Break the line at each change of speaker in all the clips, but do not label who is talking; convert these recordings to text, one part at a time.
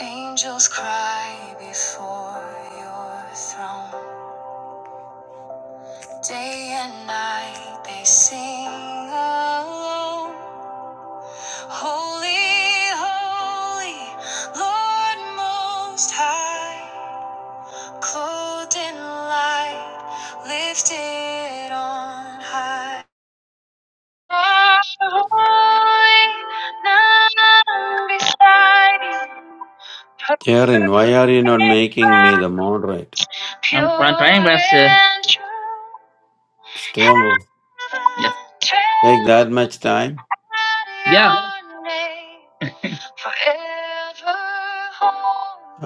Angels cry before your throne. Day and night they sing alone. Holy, holy, Lord Most High. Clothed in light, lifted on high. You are holy, none beside you.
Karen,
Perfect
why are you not making me the moderate?
I'm, what I'm trying, but uh,
Still
yeah,
take that much time?
yeah.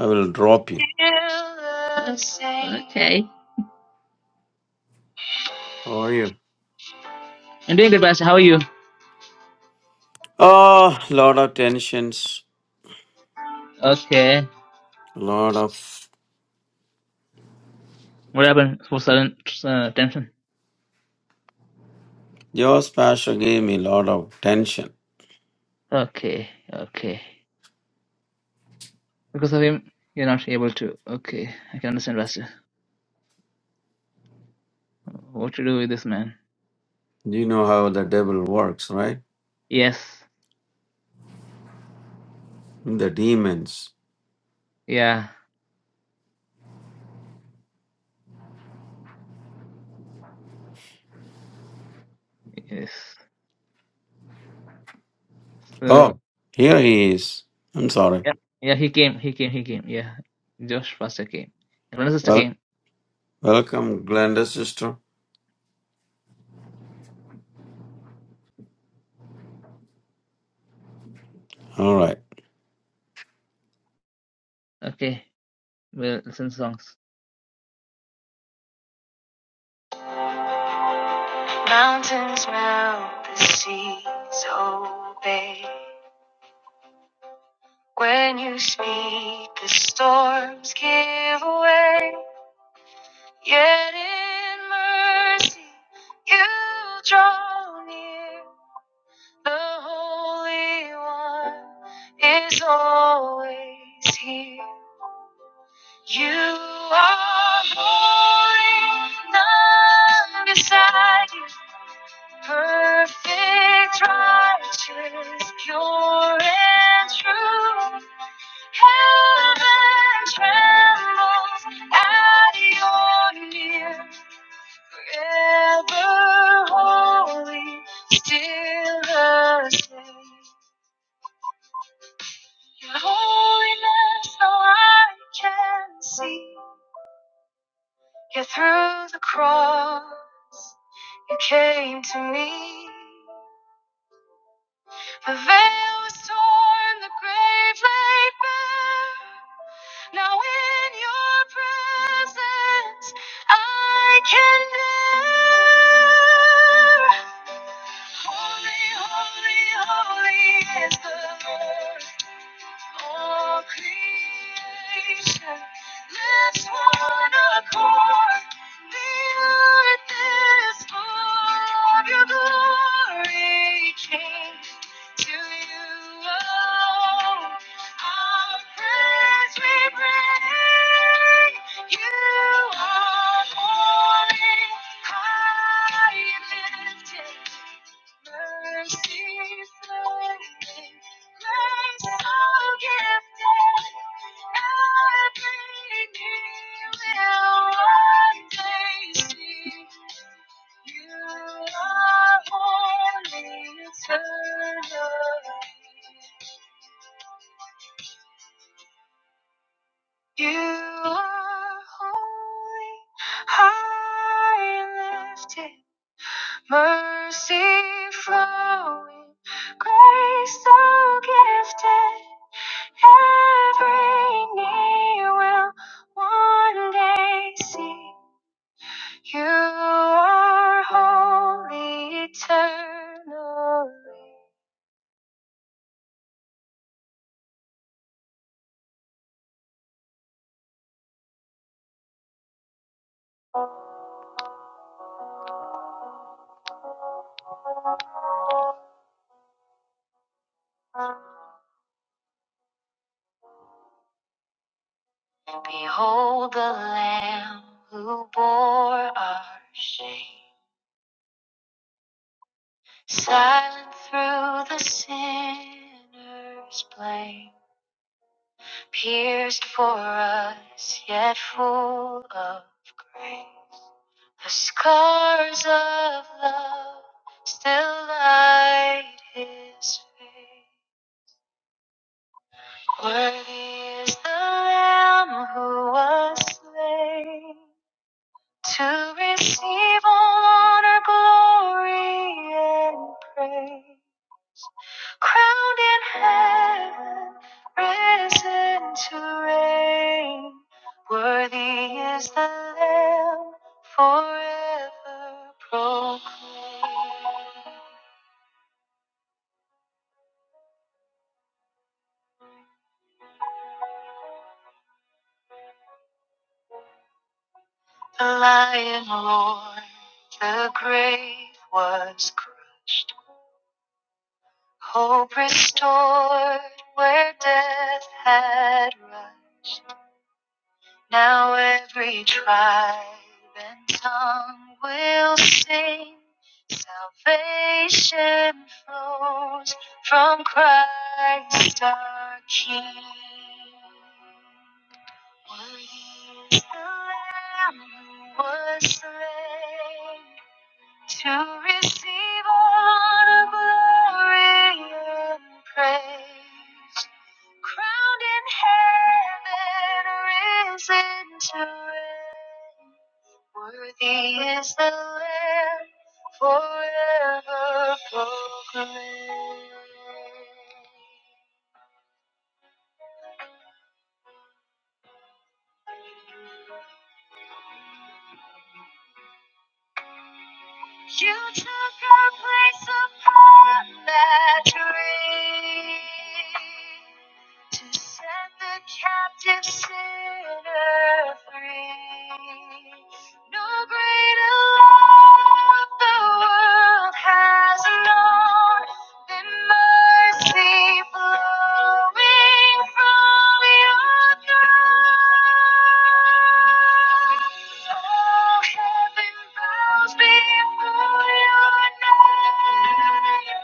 I will drop you.
Okay.
How are you?
I'm doing good, Pastor. How are you?
Oh, lot of tensions.
Okay.
Lot of
What happened for sudden uh, tension?
your pastor gave me lot of tension.
Okay, okay. Because of him, you're not able to. Okay, I can understand, Pastor. What to do with this man?
You know how the devil works, right?
Yes,
The demons.
yeah, yes. So.
Oh, here he is. I'm sorry.
Yeah, yeah, he came, he came, he came. Yeah, Josh Foster came. Everyone sister
Wel-
came.
welcome, Glenda sister. All right.
Okay, we'll listen to songs. Mountains melt, the seas obey. When you speak, the storms give way. Yet in mercy, you draw near. The Holy One is always here. You are holy, none beside you. Perfect, righteous, pure and true. Heaven trembles at your near. Forever holy, still the same. Your holiness, though I can see. Yeah, through the cross, you came to me. The veil was torn, the grave laid bare. Now in your presence, I can dare. Holy, holy, holy is the Lord. All creation lifts one accord. The earth is full of your glory, King. To you alone, our praise we bring. You are holy, high and lifted. You are holy, high and lifted. Mercy flowing, grace so gifted, every knee will one day see you are holy eternally. Behold the Lamb who bore our shame, silent through the sinner's blame. pierced for us, yet full of grace. The scars of love still light his face. Worthy is the Lamb who was slain to receive all honor, glory, and praise. crowned in heaven, risen to reign. Worthy is the Lamb, forever proclaimed. The lion roared, the grave was crushed. Hope restored where death had rushed. Now every tribe and tongue will sing. Salvation flows from Christ our King. Worthy is the Lamb who was slain to receive all honor, glory, and praise. Crowned in heaven, risen to reign. Worthy is the Lamb, forever proclaimed. You took our place upon that tree to set the captive sinner free. No greater love the world has known than mercy flowing from your throne. Oh, heaven bows before your name.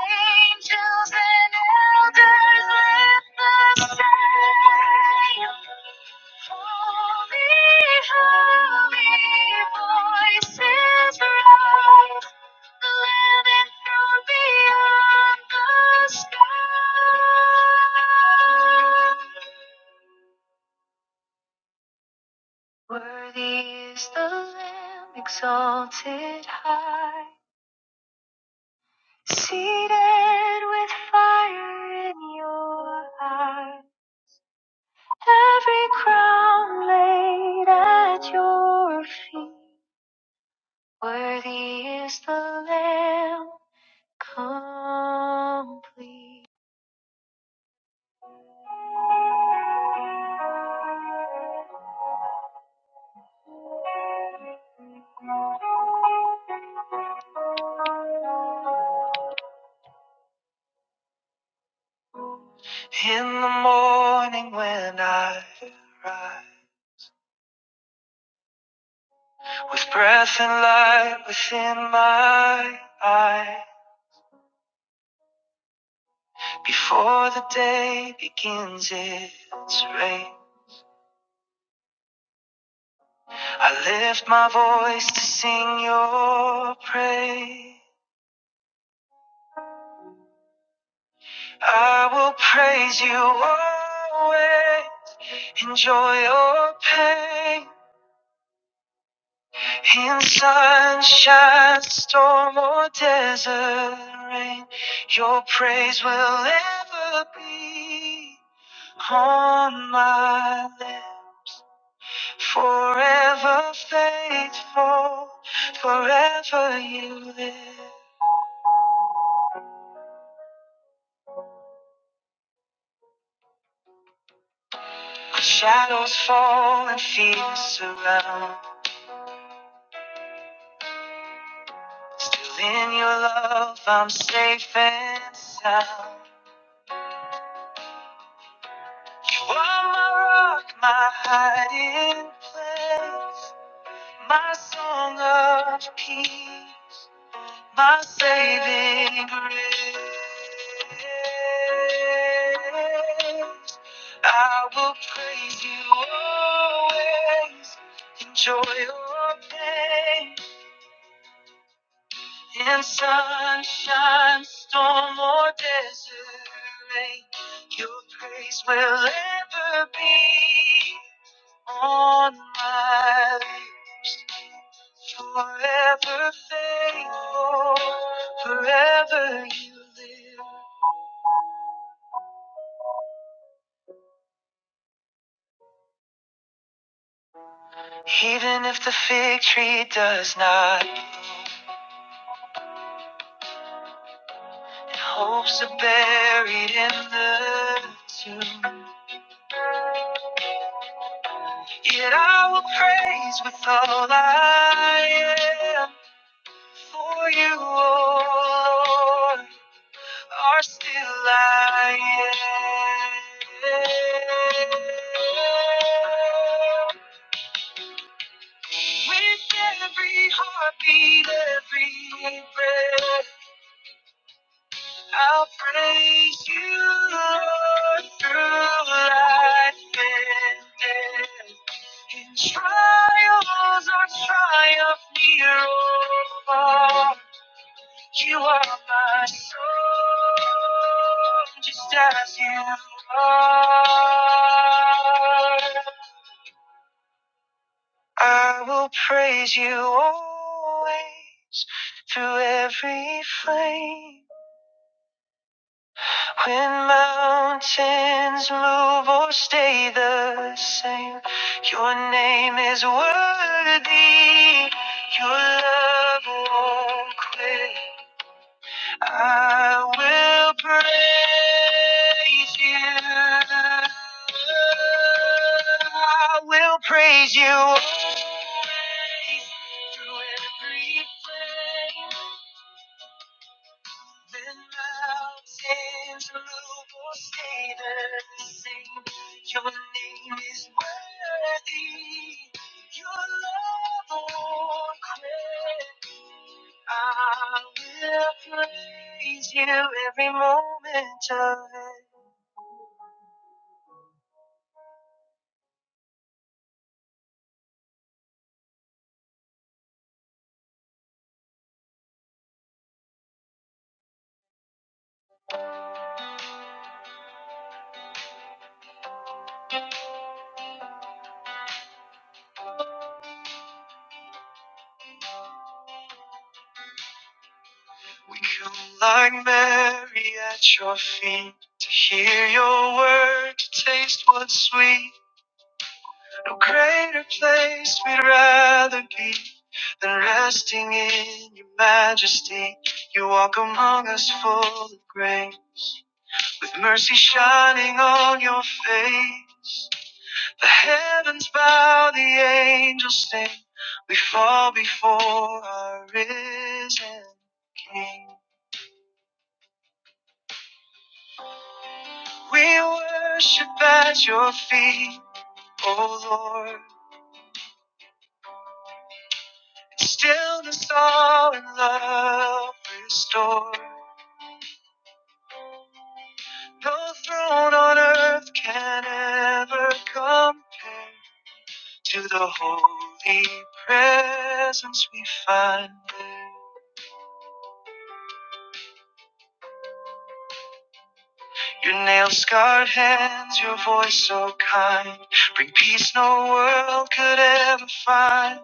Angels and elders lift the same. Holy, holy voices rise. Living from beyond the sky. Worthy is the Lamb exalted high, seated with fire in your eye. Every crown laid at your feet. Worthy is the Lamb complete. Rise. With breath and light within my eyes, before the day begins its rain, I lift my voice to sing your praise. I will praise you always, enjoy your pain in sunshine, storm, or desert rain. Your praise will ever be on my lips. Forever faithful, forever you live. When shadows fall and fears surround, still in your love I'm safe and sound. You are my rock, my hiding place, my song of peace. my saving grace. I will praise you always, enjoy your pain in sunshine, storm, or desert rain. Your praise will ever be on my lips. Forever faithful, forever you live. Even if the fig tree does not, bloom, and hopes are buried in the tomb. Yet I will praise with all I am for you, O Lord. are still lying. With every heartbeat, every breath, I'll praise you Lord, through life and death. In trials, our triumph near. or far. You are my soul, just as you are. I will praise you always through every flame. When mountains move or stay the same, your name is worthy, your love won't quit. I will praise you. I will praise you always through every frame. Then mountains will stay the same. Your name is worthy. Your love won't quit. I will praise you every moment of it. We come like Mary at your feet to hear your word, to taste what's sweet. No greater place we'd rather be than resting in your majesty. You walk among us full of grace, with mercy shining on your face. The heavens bow, the angels sing. We fall before our risen King. We worship at your feet, O Lord. In Stillness, all in love restore. No throne on earth can ever compare to the holy presence we find. there. Your nail scarred hands, your voice so kind, bring peace no world could ever find.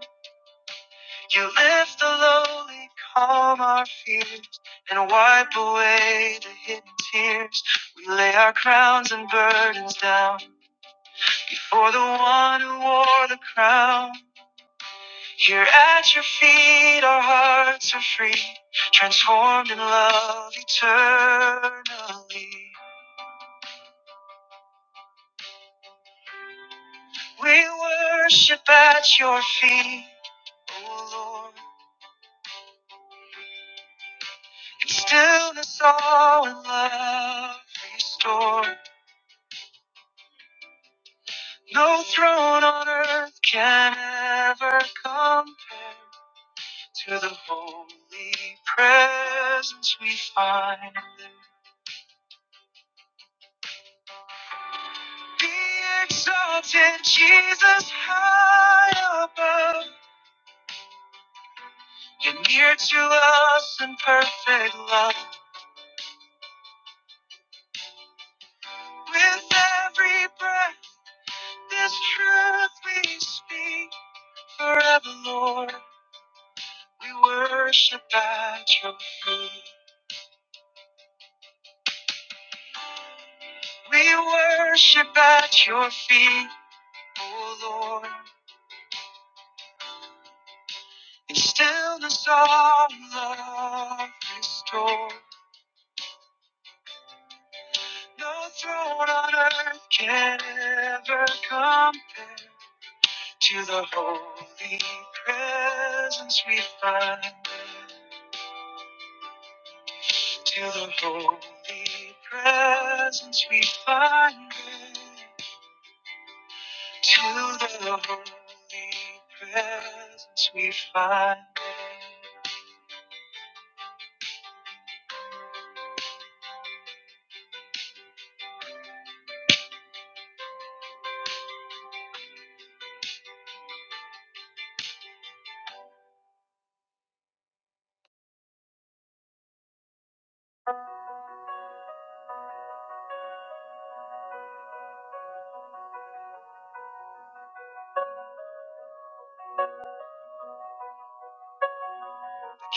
You lift the lowly, calm our fears, and wipe away the hidden tears. We lay our crowns and burdens down for the one who wore the crown. Here at your feet, our hearts are free, transformed in love eternally. We worship at your feet, O Lord, in stillness all in love restored. No throne on earth can ever compare to the holy presence we find. in Be exalted, Jesus, high above. You're near to us in perfect love. With every breath, this truth we speak forever, Lord. We worship at your feet. We worship at your feet, O Lord. In stillness, all love restored. No throne on earth can ever compare to the holy presence we find. To the holy presence we find. To the holy presence we find.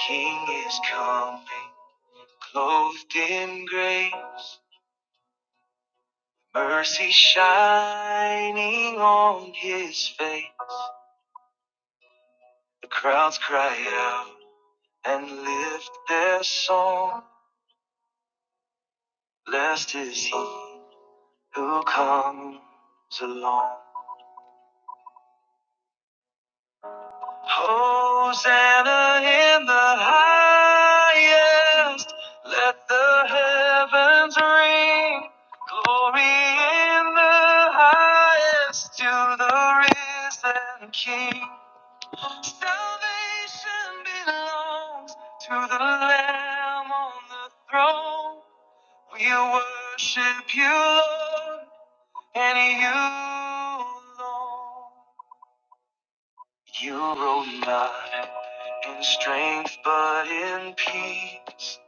King is coming, clothed in grace, mercy shining on his face. The crowds cry out and lift their song. Blessed is he who comes along. Hosanna in the highest. Let the heavens ring. Glory in the highest to the risen King. Salvation belongs to the Lamb on the throne. We worship you, Lord, and you alone. You rule not in strength, but in peace.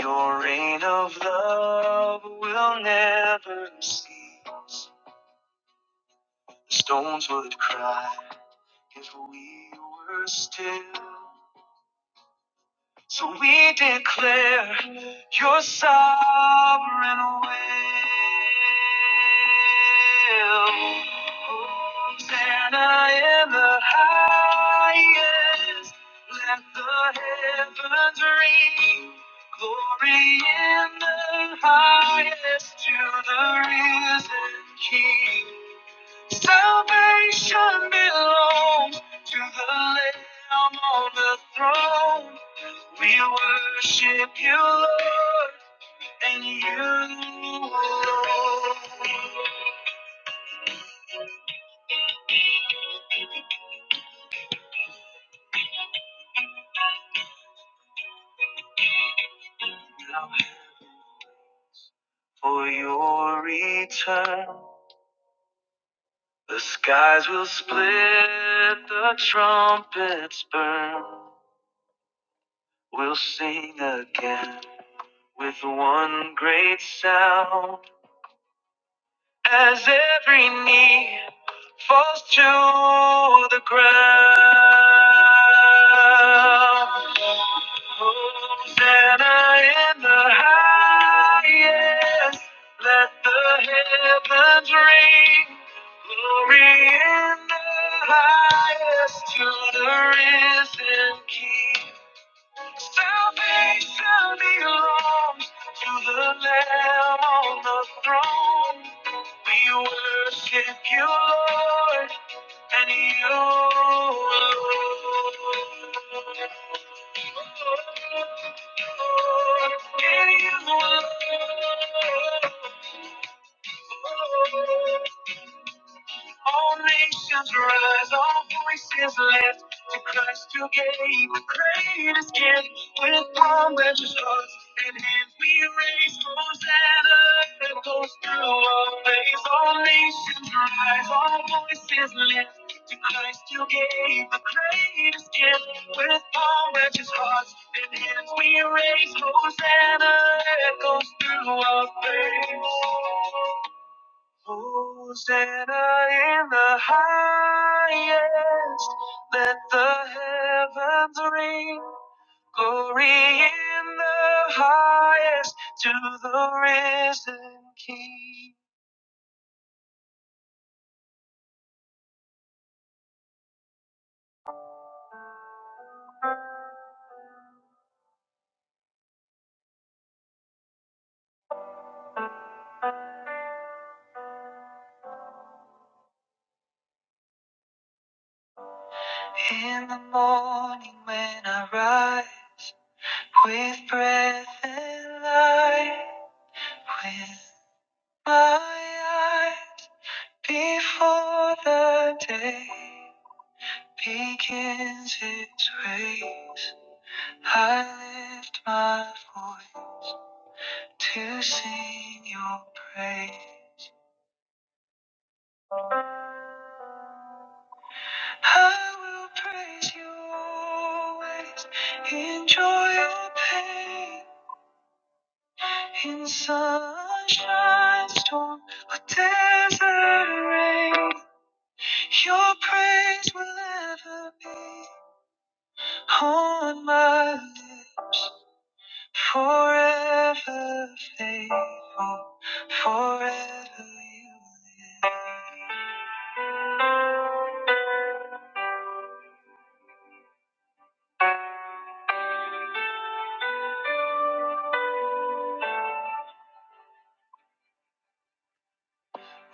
Your reign of love will never cease. The stones would cry if we were still. So we declare your sovereign will. Hosanna in the highest. Let the heavens ring. Glory in the highest to the risen King. Salvation belongs to the Lamb on the throne. We worship you, Lord, and you alone. Now, For your return, the skies will split, the trumpets burn. We'll sing again with one great sound as every knee. falls to the ground. Hosanna in the highest. Let the heavens ring. Glory in the highest to the risen King. Salvation belongs to the Lamb on the throne. We worship you, Lord and you and you all nations rise, all voices lift to Christ who gave the greatest gift. With one righteous hearts and hands we raise, Hosanna that goes through all days. All nations rise, all voices lift to Christ who gave the greatest gift. With palm righteous hearts and hands we raise, Hosanna that goes through all days. Hosanna in the highest. Let the heavens ring. Glory in the highest to the risen King. In the morning when I rise with breath and light, with my eyes before the day begins its race. I lift my voice to sing your praise. I will praise you always, in joy or pain in sunshine, storm, or desert rain. Your praise will ever be on my lips. Forever faithful, forever you live.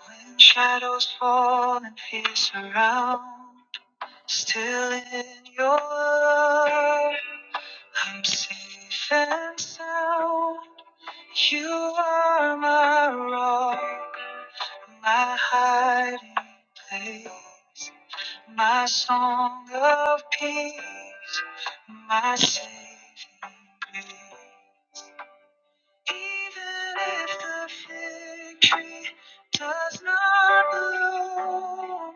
When shadows fall and fear surround, still in your love, I'm safe and sound. You are my rock, my hiding place. my song of peace, my saving grace. Even if the victory does not bloom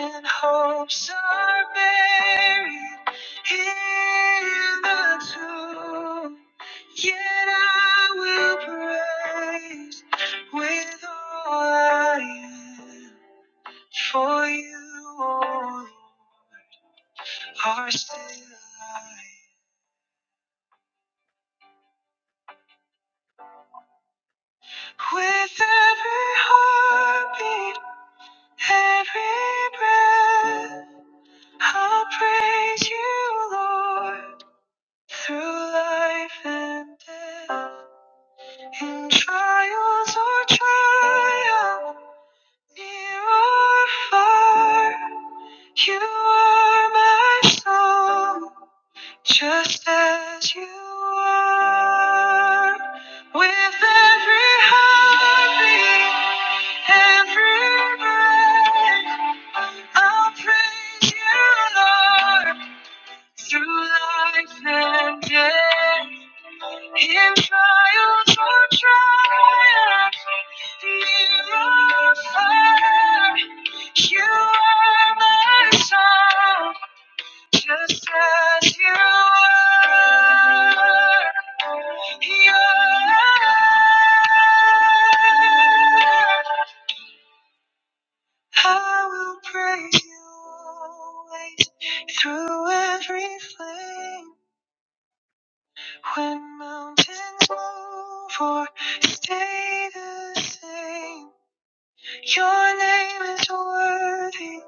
and hopes are buried in the tomb, yet I will praise with all I am for you. O Lord are still alive. With every heartbeat, every breath, I'll praise you, Lord, through life and death. In trials or triumph, near or far, you are my song. Just as you are, with every heartbeat, every breath, I'll praise you, Lord, through life and death, in trials or triumph, near or far, you are my song. Just as you are, you are. I will praise you always through every flame. When mountains move or stay the same, your name is worthy,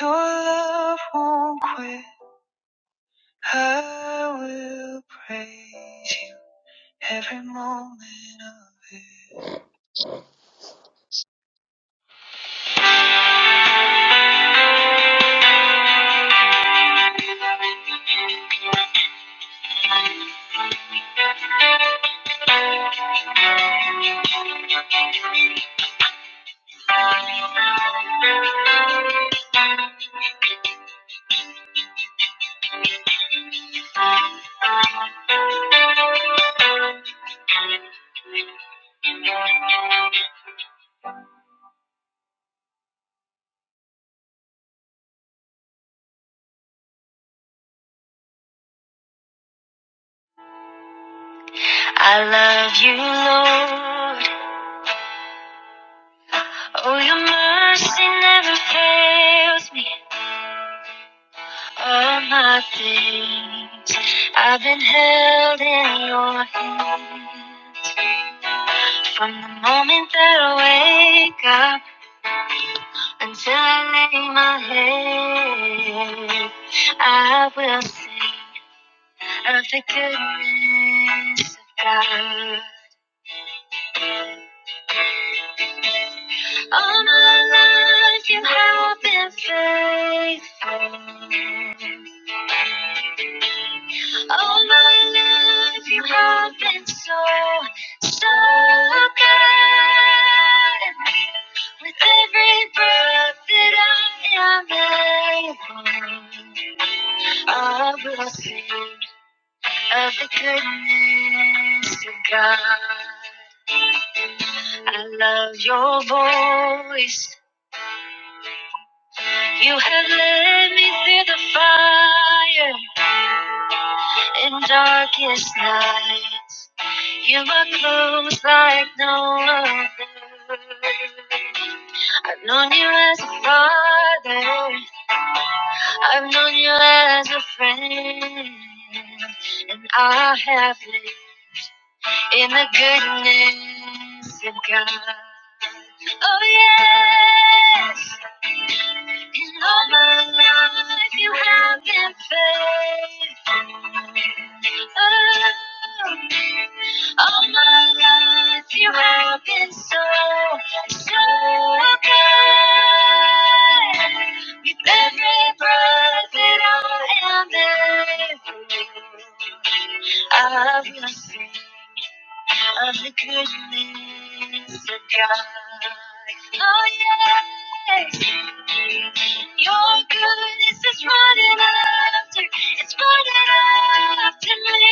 your love won't quit. I will praise you. Every moment of it. I love you, Lord. Oh, your mercy never fails me. All my days, I've been held in your hands. From the moment that I wake up until I lay my head, I will sing. of the goodness of God. All my life you have been faithful. All my life you have been so, so good. With every breath that I am able, I will sing of the goodness of God. I love your voice. You have led me through the fire and darkest nights. You are close like no other. I've known you as a father. I've known you as a friend, and I have lived in the goodness of God. Oh yes, in all my life you have been faithful. Oh, all my life you have been so, so good. With every breath that I am living, I will sing of the goodness of God. Oh yeah, your goodness is running after, it's running after me.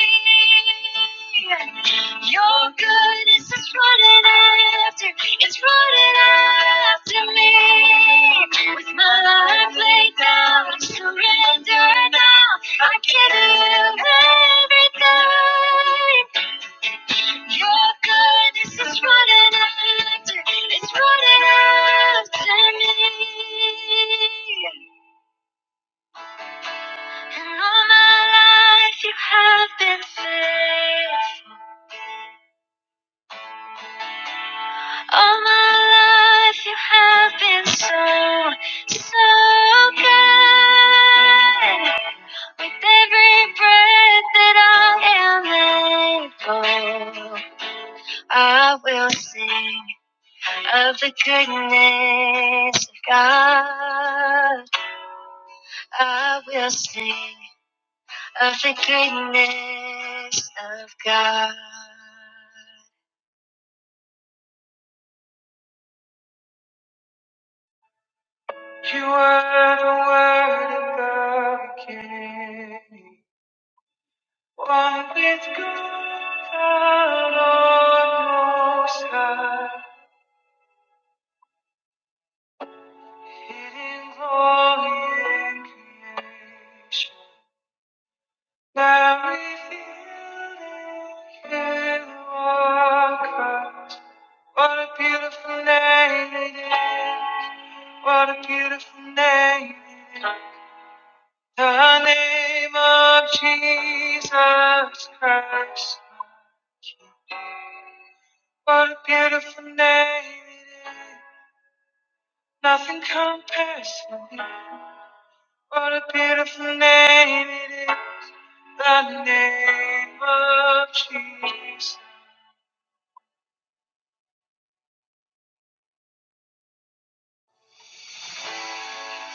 Your goodness is running after, it's running after me. With my life laid down, I surrender now. I can live every time. Your goodness is running after, it's running after me. And all my life you have been faithful. All my life you have been so, so good. With every breath that I am able, I will sing of the goodness of God. I will sing of the goodness of God. You are the word of the King, one with God on most high. Hidden glory in creation, now revealed in Christ. What a beautiful name it is. What a beautiful name it is. The name of Jesus Christ. What a beautiful name it is. Nothing compares to it. What a beautiful name it is, the name of Jesus.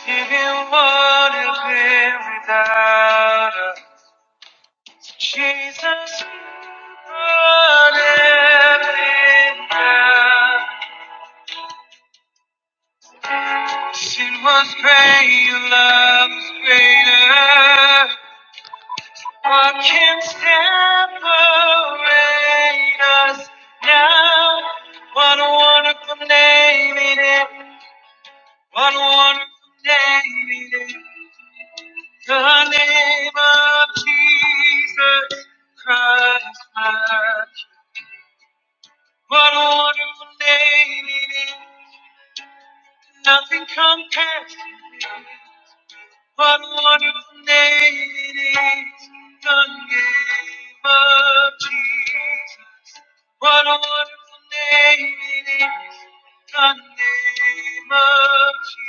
You can wouldn't live without us. Jesus, you brought everything down. Sin was great, your love is greater. What can separate us now? What a wonderful name it is. What a wonderful day it is. The name of Jesus Christ, my Lord. What a wonderful day it is. Nothing compares to it. What a wonderful day it is. The name of Jesus. What a wonderful name it is. The name of Jesus.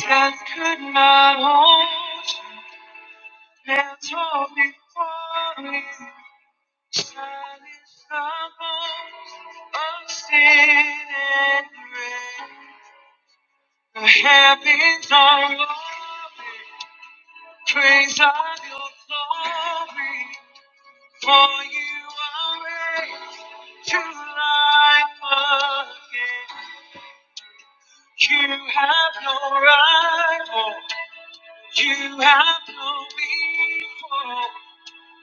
Death could not hold you. Hands holding falling, shining circles of sin and grace. The heavens are rolling, praise of your glory. For you are raised to life again. You have no rival, you have no equal.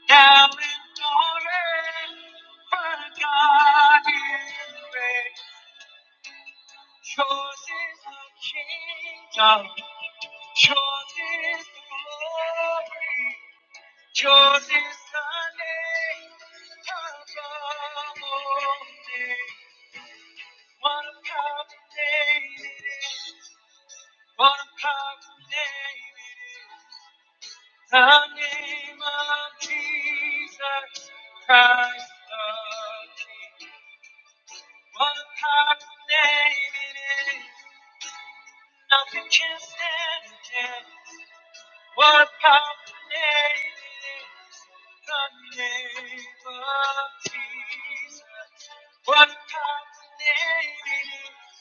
down in glory, for God is great. Yours is the kingdom, yours is the glory, yours is the name above all names. What a powerful name it is! What a powerful name it is! The name of Jesus Christ the King. What a powerful name it is. Nothing can stand against. What a powerful name it is. The name of Jesus. What a powerful name it is.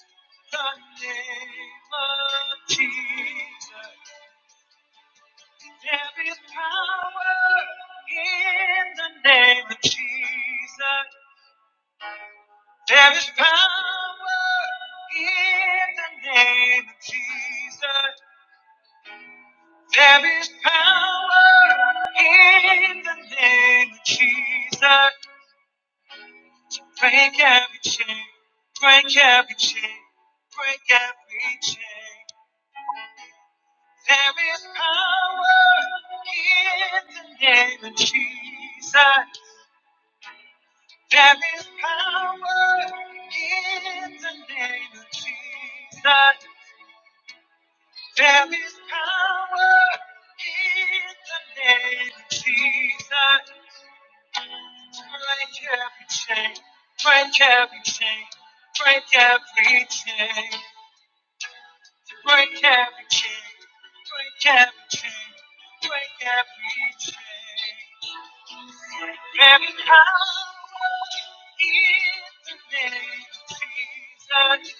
The name of Jesus. There is power in the name of Jesus. There is power in the name of Jesus. There is power in the name of Jesus. Break every chain, break every chain, break every chain. There is power in the name of Jesus. There is power in the name of Jesus. There is power in the name of Jesus. To break every chain, break every chain, break every chain, break every chain, break every chain, break every chain. There is power in the name of Jesus.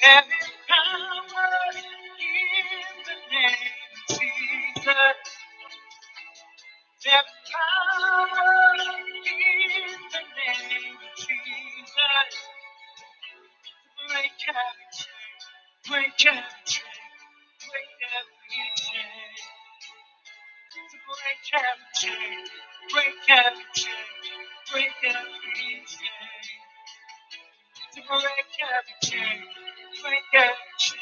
There is power in the name of Jesus. There's power in the name of Jesus. Break every chain, break every chain, break every chain. Break every chain, break every chain, break every chain. To break every chain, break every chain,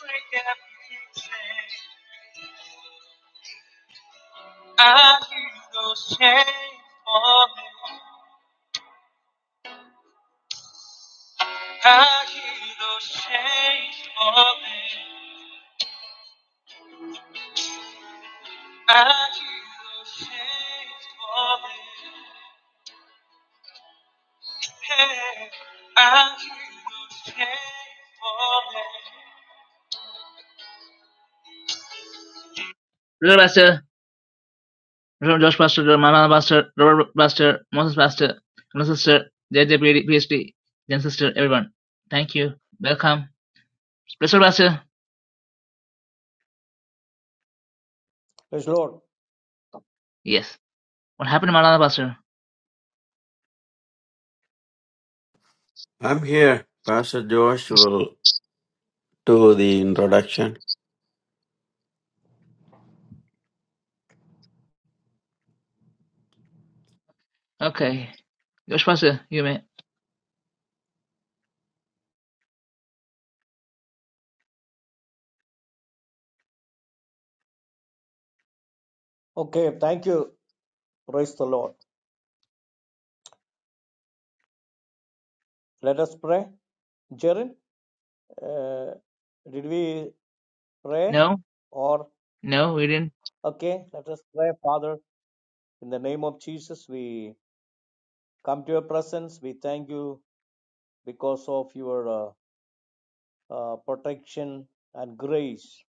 break every chain. I hear those chains falling. I hear those chains falling. I hear those chains falling. Hey, I hear those chains falling. Little Buster, Josh Pastor, Mama Pastor, Robert Pastor, Moses Pastor, my sister, JJ PhD, PhD, Jen sister, everyone. Thank you. Welcome. Special Pastor.
Praise the Lord.
Yes. What happened to Malala Buster?
I'm here. Pastor Josh will do the introduction.
Okay. Josh Pastor, you may.
Okay, thank you. Praise the Lord. Let us pray. Jaren, uh, did we pray?
No,
Or,
no, we didn't.
okay, let us pray, Father. In the name of Jesus, we come to your presence. We thank you because of your uh, uh, protection and grace.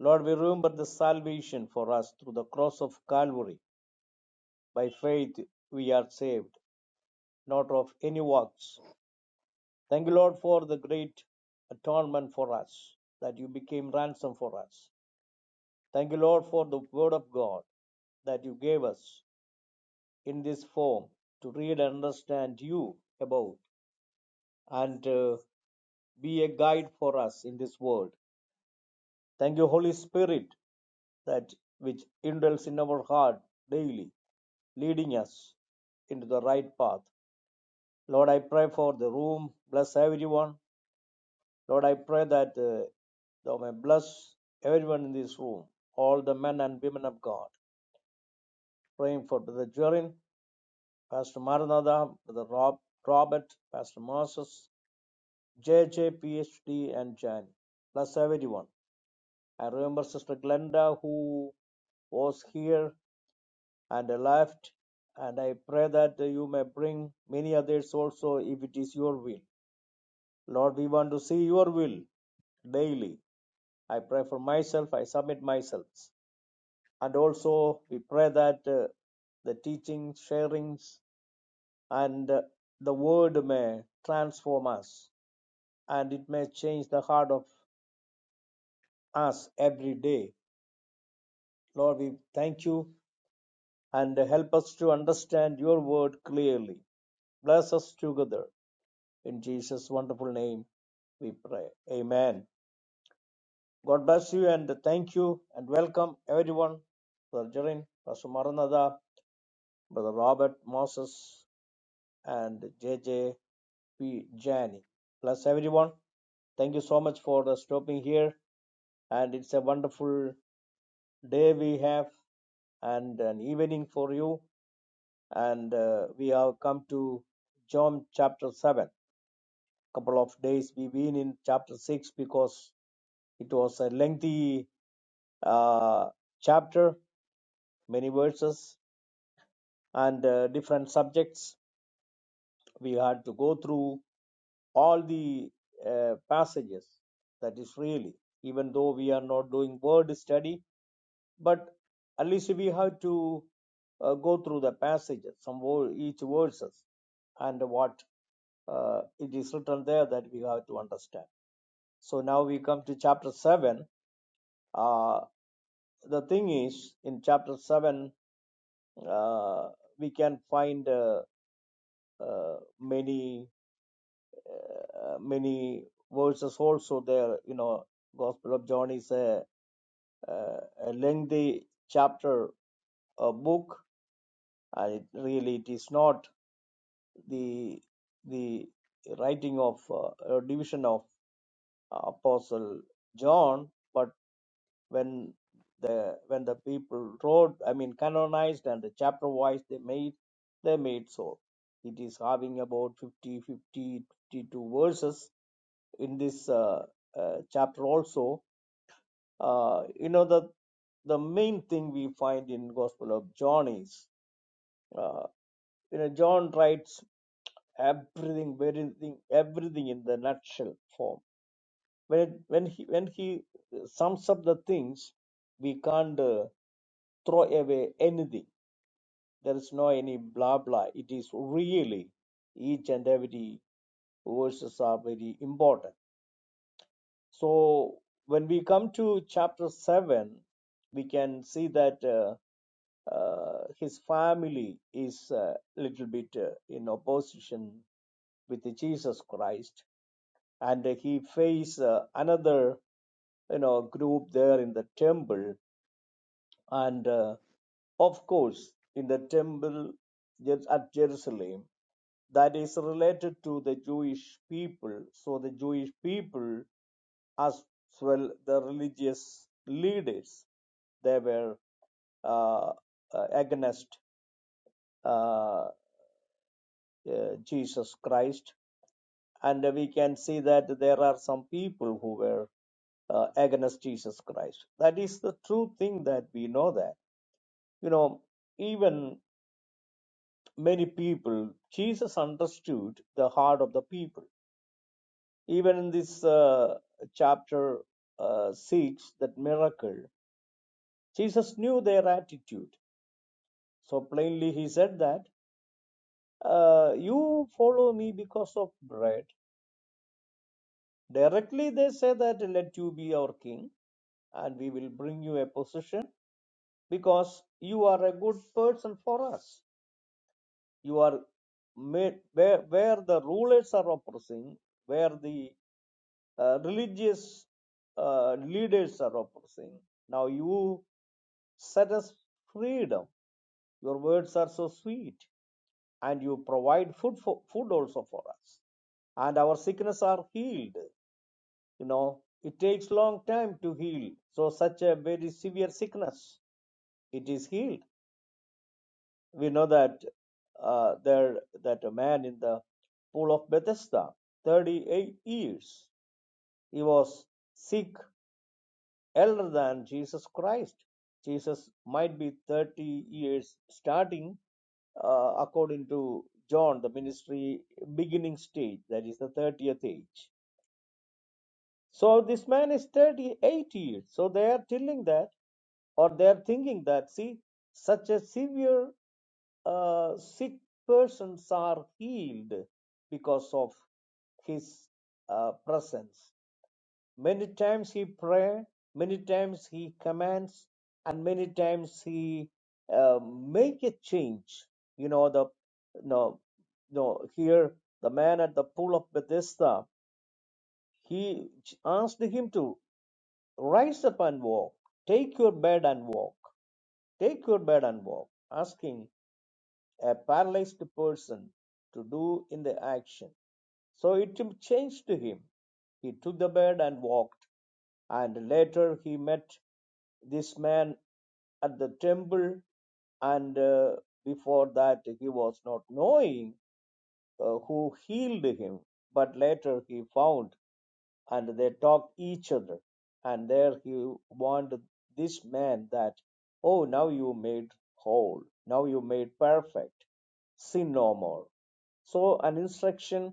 Lord, we remember the salvation for us through the cross of Calvary. By faith, we are saved, not of any works Thank you, Lord, for the great atonement for us, that you became ransom for us. Thank you, Lord, for the word of God that you gave us in this form to read and understand you about and uh, be a guide for us in this world. Thank you, Holy Spirit, that which indwells in our heart daily, leading us into the right path. Lord, I pray for the room. Bless everyone. Lord, I pray that uh, thou may bless everyone in this room, all the men and women of God. Praying for Brother Jorin, Pastor Maranatha, Brother Rob, Robert, Pastor Moses, JJ, PhD, and Jan. Bless everyone. I remember Sister Glenda who was here and left, and I pray that you may bring many others also if it is your will. Lord, we want to see your will daily. I pray for myself, I submit myself. and also we pray that uh, the teachings, sharings, and uh, the word may transform us and it may change the heart of us every day. Lord, we thank you and help us to understand your word clearly. Bless us together. In Jesus' wonderful name, we pray. Amen. God bless you and thank you and welcome everyone. Brother Jerin, Pastor Maranatha, Brother Robert, Moses, and JJ. P. Jani. Plus, everyone, thank you so much for uh, stopping here. And it's a wonderful day we have and an evening for you. And uh, we have come to John chapter 7. Couple of days we've been in chapter 6 because it was a lengthy uh, chapter, many verses, and uh, different subjects. We had to go through all the uh, passages. That is really, even though we are not doing word study, but at least we have to uh, go through the passages, some wo- each verses, and what uh, it is written there that we have to understand. So now we come to chapter seven. Uh, the thing is, in chapter seven, uh, we can find uh, uh, many uh, many verses also there. You know, Gospel of John is a, uh, a lengthy chapter, a book, and it really it is not the the writing of uh, or division of apostle john but when the when the people wrote i mean canonized and the chapter wise they made they made so it is having about 50 fifty, fifty-two verses in this uh, uh, chapter also uh, you know the the main thing we find in gospel of john is uh, you know john writes everything, everything, everything in the nutshell form. When when he when he uh, sums up the things, we can't uh, throw away anything. There is no any blah blah. It is really each and every verses are very important. So when we come to chapter seven, we can see that. Uh, uh, his family is a little bit uh, in opposition with Jesus Christ and he faced uh, another you know group there in the temple and uh, of course in the temple at jerusalem that is related to the jewish people so the jewish people as well the religious leaders they were uh, uh, against uh, uh, jesus christ and we can see that there are some people who were uh, against Jesus Christ. That is the true thing that we know that. You know, even many people, Jesus understood the heart of the people. Even in this uh, chapter uh, 6, that miracle, Jesus knew their attitude. So plainly he said that, uh, You follow me because of bread, Directly they say that let you be our king and we will bring you a position because you are a good person for us. You are made where, where the rulers are oppressing, where the uh, religious uh, leaders are oppressing. Now you set us freedom. Your words are so sweet, and you provide food for, food also for us, and our sickness are healed. you know it takes long time to heal so such a very severe sickness it is healed we know that uh, there that a man in the pool of bethesda 38 years he was sick elder than jesus christ jesus might be 30 years starting uh, according to john the ministry beginning stage that is the 30th age So this man is 38 years. So they are telling that, or they are thinking that, see, such a severe uh, sick persons are healed because of his uh, presence. Many times he pray, many times he commands, and many times he uh, make a change. You know the no no here the man at the pool of Bethesda. He asked him to. Rise up and walk. Take your bed and walk. Take your bed and walk. Asking a paralyzed person to do in the action. So it changed to him. He took the bed and walked. And later he met this man at the temple and uh, before that he was not knowing uh, who healed him but later he found and they talk each other. And there he warned this man that, oh, now you made whole, now you made perfect, sin no more. So an instruction,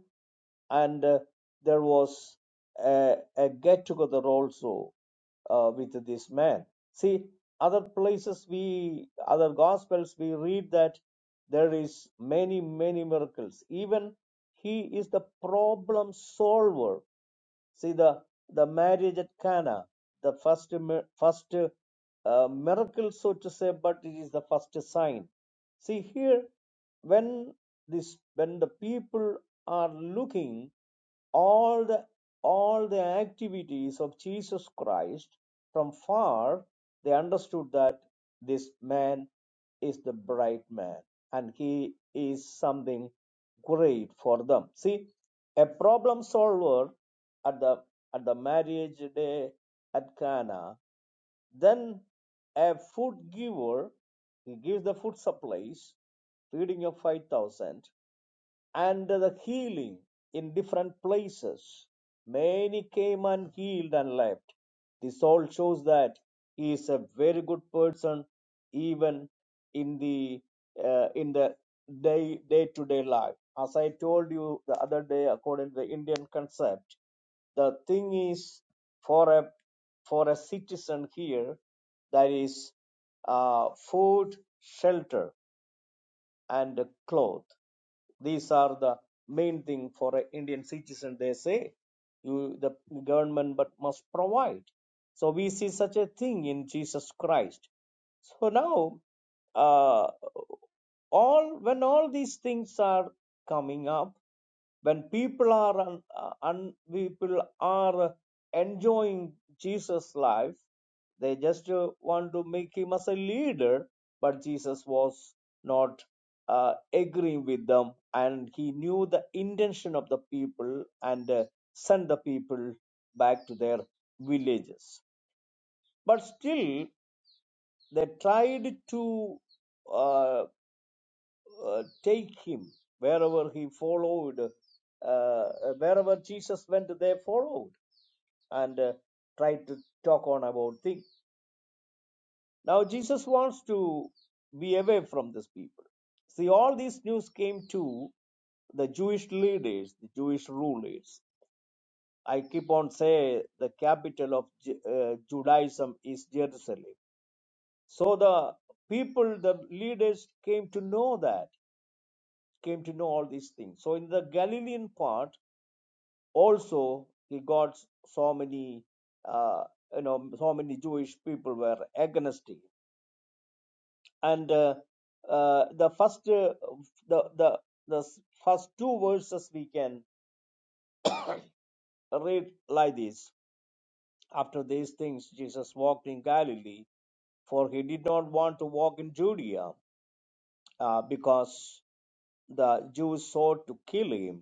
and uh, there was a, a get together also uh, with this man. See, other places we, other gospels we read that there is many many miracles. Even he is the problem solver See the the marriage at Cana, the first mi- first uh, miracle, so to say, but it is the first sign. See here, when this when the people are looking all the all the activities of Jesus Christ from far, they understood that this man is the bright man and he is something great for them see a problem solver at the at the marriage day at cana then a food giver he gives the food supplies feeding of 5000 and the healing in different places. Many came and healed and left. This all shows that he is a very good person, even in the uh, in the day day to day life. As I told you the other day, according to the Indian concept, the thing is for a for a citizen here, that is uh, food, shelter, and cloth these are the main thing for an indian citizen they say you the government but must provide so we see such a thing in jesus christ so now uh, all when all these things are coming up when people are un, uh, un, people are enjoying jesus life they just uh, want to make him as a leader but jesus was not uh, agreeing with them and he knew the intention of the people and uh, sent the people back to their villages but still they tried to uh, uh, take him wherever he followed. Uh, wherever Jesus went, they followed and uh, tried to talk on about things. Now Jesus wants to be away from these people. See, all these news came to the Jewish leaders, the Jewish rulers. I keep on saying the capital of Ju- uh, Judaism is Jerusalem. So the people, the leaders came to know that. came to know all these things. So in the Galilean part, also he got so many, uh, you know, so many Jewish people were against him. And uh, uh, the first, uh, the the the first two verses we can read like this. After these things, Jesus walked in Galilee, for he did not want to walk in Judea, uh, because the Jews sought to kill him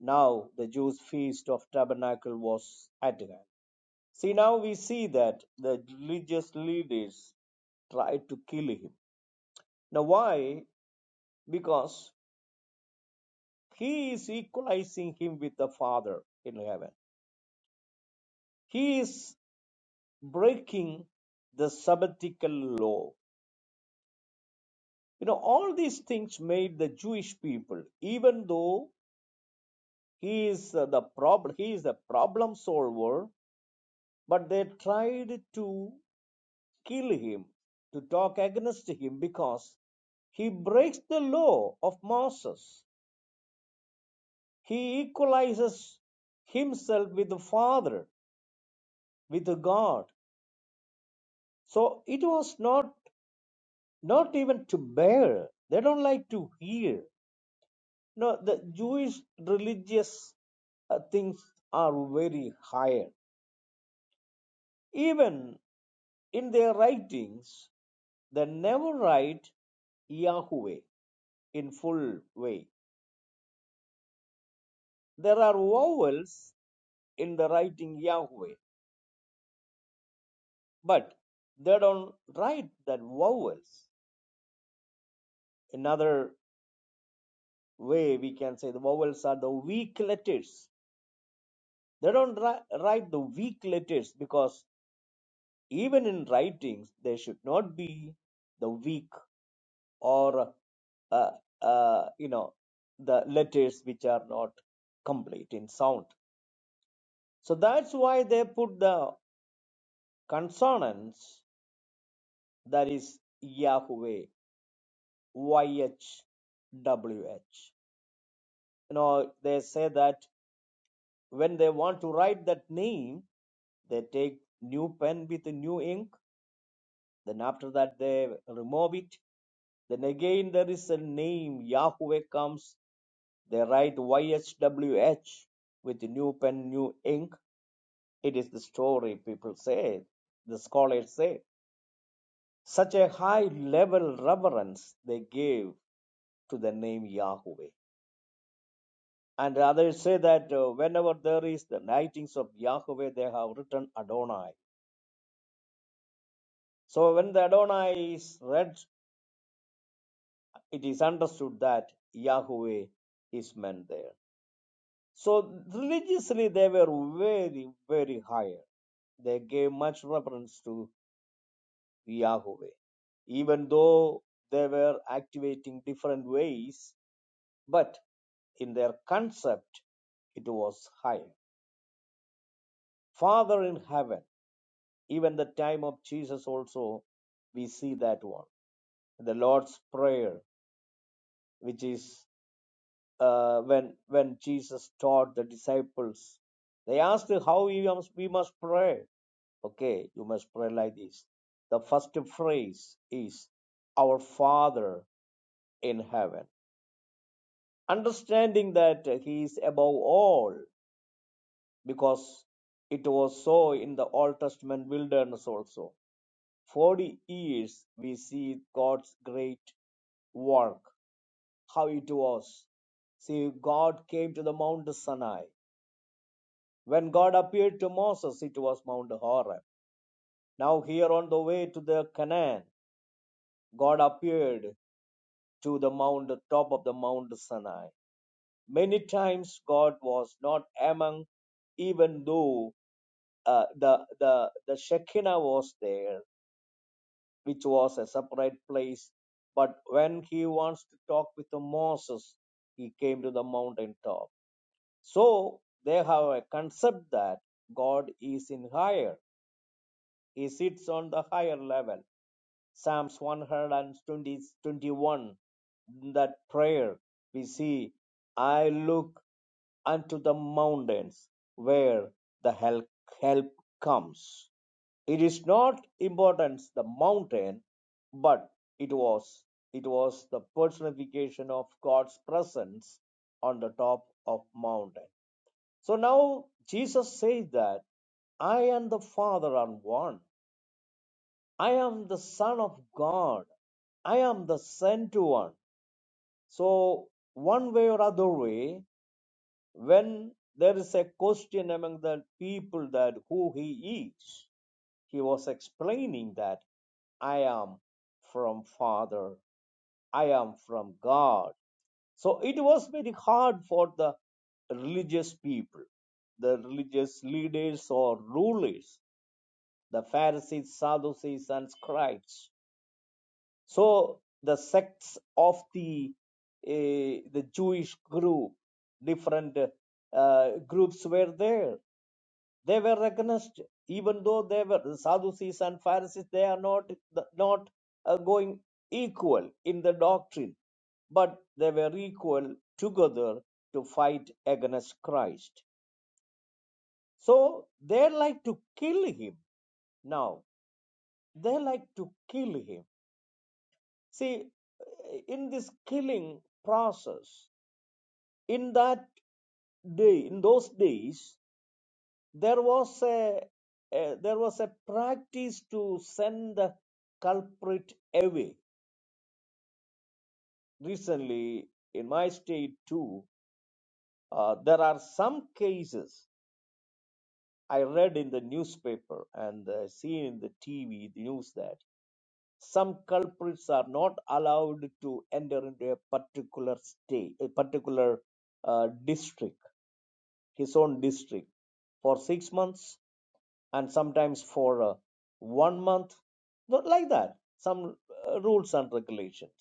Now the Jews' feast of tabernacle was at hand. See, now we see that the religious leaders tried to kill him. Now, why? Because he is equalizing him with the Father in heaven. He is breaking the Sabbatical law. You know, all these things made the Jewish people, even though he is uh, the problem, he is the problem solver, but they tried to kill him, to talk against him, because he breaks the law of Moses. He equalizes himself with the Father, with the God. So it was not not even to bear. They don't like to hear. No, the Jewish religious uh, things are very higher. Even in their writings, they never write Yahweh in full way. There are vowels in the writing Yahweh, but they don't write that vowels. Another way we can say the vowels are the weak letters. They don't write the weak letters because even in writings there should not be the weak or uh, uh, you know the letters which are not complete in sound. So that's why they put the consonants that is Yahweh YHWH. You know, they say that when they want to write that name, they take new pen with new ink. Then after that, they remove it. Then again, there is a name. Yahweh comes. They write YHWH with new pen, new ink. It is the story people say. The scholars say such a high level reverence they gave to the name Yahweh. And others say that uh, whenever there is the writings of Yahweh, they have written Adonai. So when the Adonai is read, it is understood that Yahweh is meant there. So religiously, they were very, very higher. They gave much reference to Yahweh, even though they were activating different ways, but in their concept, it was higher. Father in heaven even the time of jesus also we see that one the lord's prayer which is uh, when when jesus taught the disciples they asked how we must, we must pray okay you must pray like this the first phrase is our father in heaven understanding that he is above all because it was so in the old testament wilderness also Forty years we see God's great work, how it was. See, God came to the Mount Sinai. When God appeared to Moses, it was Mount Horeb. Now, here on the way to the Canaan, God appeared to the mount, top of the Mount Sinai. Many times God was not among, even though uh, the, the, the Shekinah was there. which was a separate place. But when he wants to talk with the Moses, he came to the mountain top. So they have a concept that God is in higher. He sits on the higher level Psalms 120, 21, that prayer we see, I look unto the mountains where the help, help comes. It is not importance the mountain, but it was it was the personification of God's presence on the top of mountain. So now Jesus says that I and the Father are one. I am the Son of God. I am the sent one. So, one way or other way, when there is a question among the people that who he is, he was explaining that I am from Father, I am from God. So, it was very hard for the religious people, the religious leaders or rulers, the Pharisees, Sadducees, and scribes So the sects of the eh, the Jewish group, different uh, groups were there. They were recognized, even though they were the Sadducees and Pharisees. They are not not uh, going equal in the doctrine, but they were equal together to fight against Christ. So they like to kill him now. They like to kill him See, in this killing process, in that day, in those days, there was a, a there was a practice to send the culprit away. Recently, in my state too, uh, there are some cases I read in the newspaper and uh, seen in the TV news that Some culprits are not allowed to enter into a particular state, a particular uh, district, his own district, for six months, and sometimes for uh, one month. Not like that. Some uh, rules and regulations.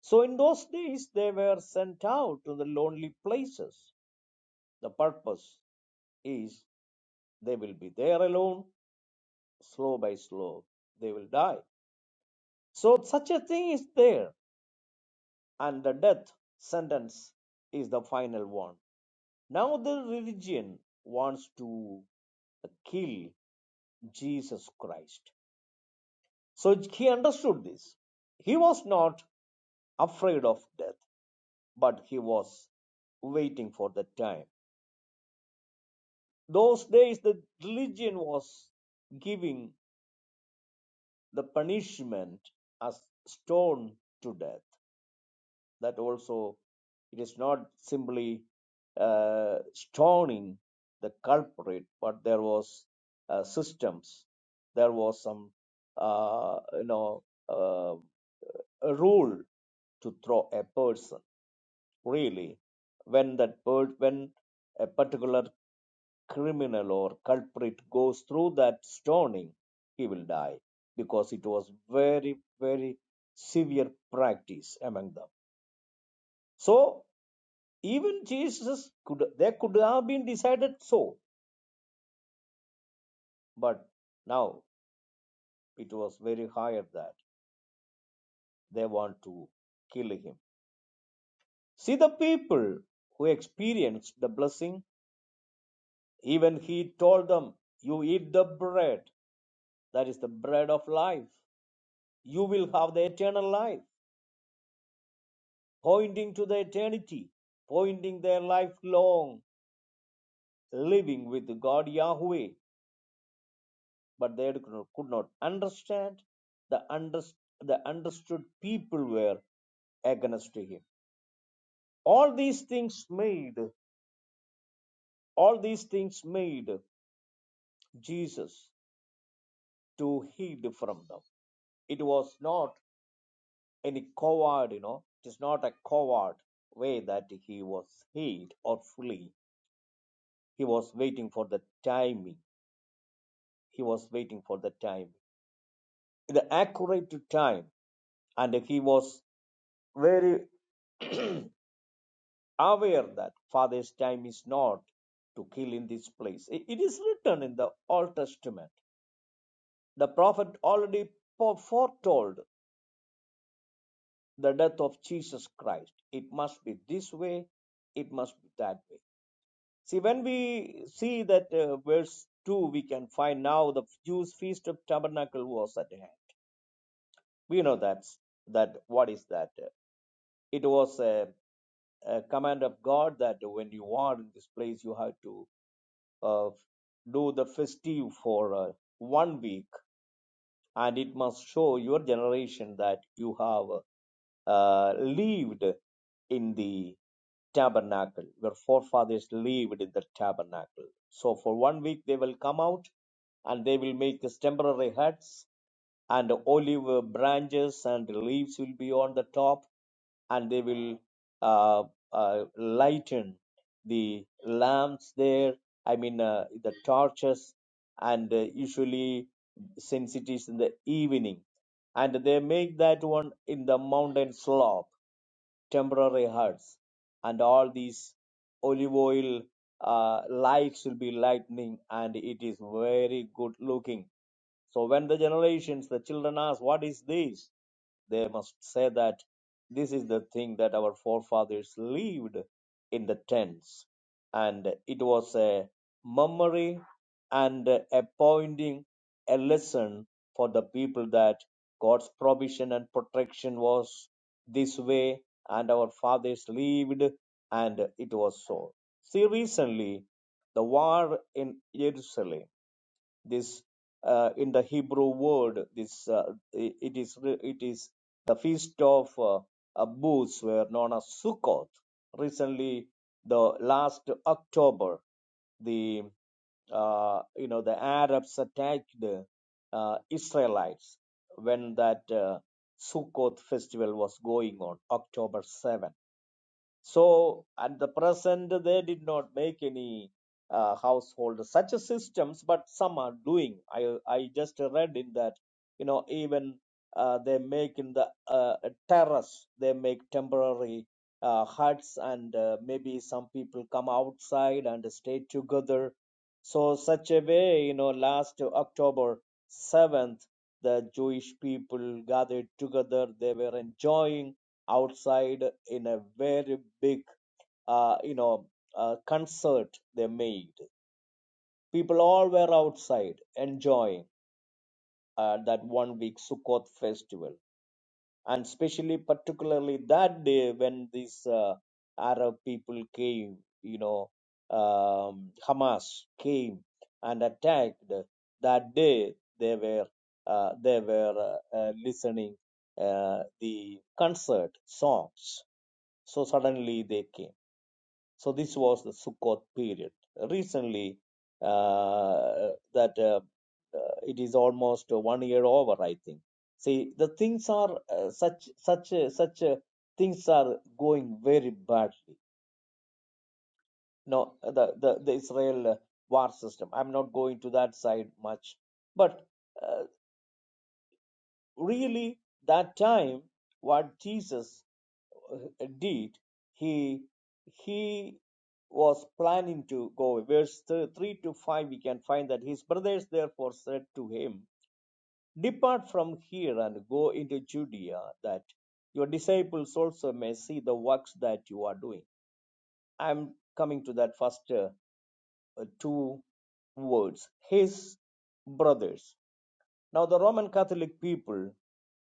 So in those days, they were sent out to the lonely places. The purpose is they will be there alone, slow by slow, they will die. So such a thing is there and the death sentence is the final one. Now the religion wants to kill Jesus Christ. So he understood this. He was not afraid of death, but he was waiting for the time. Those days, the religion was giving the punishment as stone to death. that also it is not simply uh, stoning the culprit, but there was uh, systems, there was some uh, you know uh, a rule to throw a person really when that per- when a particular criminal or culprit goes through that stoning, he will die because it was very very severe practice among them. So Even Jesus could they could have been decided so, but now it was very higher that they want to kill him. See the people who experienced the blessing, even he told them, You eat the bread, that is the bread of life. You will have the eternal life, pointing to the eternity, pointing their lifelong living with God Yahweh. but they could not could not understand. The, under, the understood people were against him. All these things made, all these things made Jesus to hide from them. It was not any coward, you know, it is not a coward way that he was hid or flee. He was waiting for the timing. He was waiting for the time, the accurate time, and he was very aware that Father's time is not to kill in this place. It is written in the Old Testament. The prophet already foretold the death of Jesus Christ. It must be this way, it must be that way. See, when we see that uh, verse 2, we can find now the Jews' feast of tabernacle was at hand. We know that's that what is that? It was a, a command of God that when you are in this place, you have to uh, do the festive for uh, one week, and it must show your generation that you have uh, lived in the tabernacle. Your forefathers lived in the tabernacle. So for one week they will come out and they will make these temporary huts, and olive branches and leaves will be on the top, and they will uh, uh, lighten the lamps there I mean, uh, the torches, and uh, usually since it is in the evening, and they make that one in the mountain slope temporary huts, and all these olive oil uh, lights will be lightning, and it is very good looking. So when the generations, the children ask, "What is this?" they must say that this is the thing that our forefathers lived in the tents, and it was a memory and a pointing, a lesson for the people that God's provision and protection was this way and our fathers lived and it was so see recently the war in jerusalem this uh, in the hebrew word this uh, i- it is it is the feast of uh, uh, booths were known as Sukkot. recently the last october the uh, you know the Arabs attacked the uh, Israelites when that uh, Sukkoth festival was going on, October 7th. So at the present, they did not make any uh, household such systems, but some are doing. I I just read in that you know even uh, they make in the uh, terrace they make temporary uh, huts and uh, maybe some people come outside and stay together. So such a way, you know, last October seventh, the Jewish people gathered together. They were enjoying outside in a very big uh, you know uh, concert they made people all were outside enjoying uh, that one week sukkot festival and especially particularly that day when these uh, arab people came you know um, hamas came and attacked that day they were uh, they were uh, uh, listening uh, the concert songs so suddenly they came. So this was the Sukkot period. Recently, uh, that uh, uh, it is almost one year over, I think. See, the things are uh, such, such, uh, such uh, things are going very badly. No, the the, the Israel uh, war system. I'm not going to that side much, but uh, really that time, what Jesus uh, did he he was planning to go away. verse 3 to 5 we can find that his brothers therefore said to him depart from here and go into judea that your disciples also may see the works that you are doing i'm coming to that first uh, uh, two words his brothers now the Roman Catholic people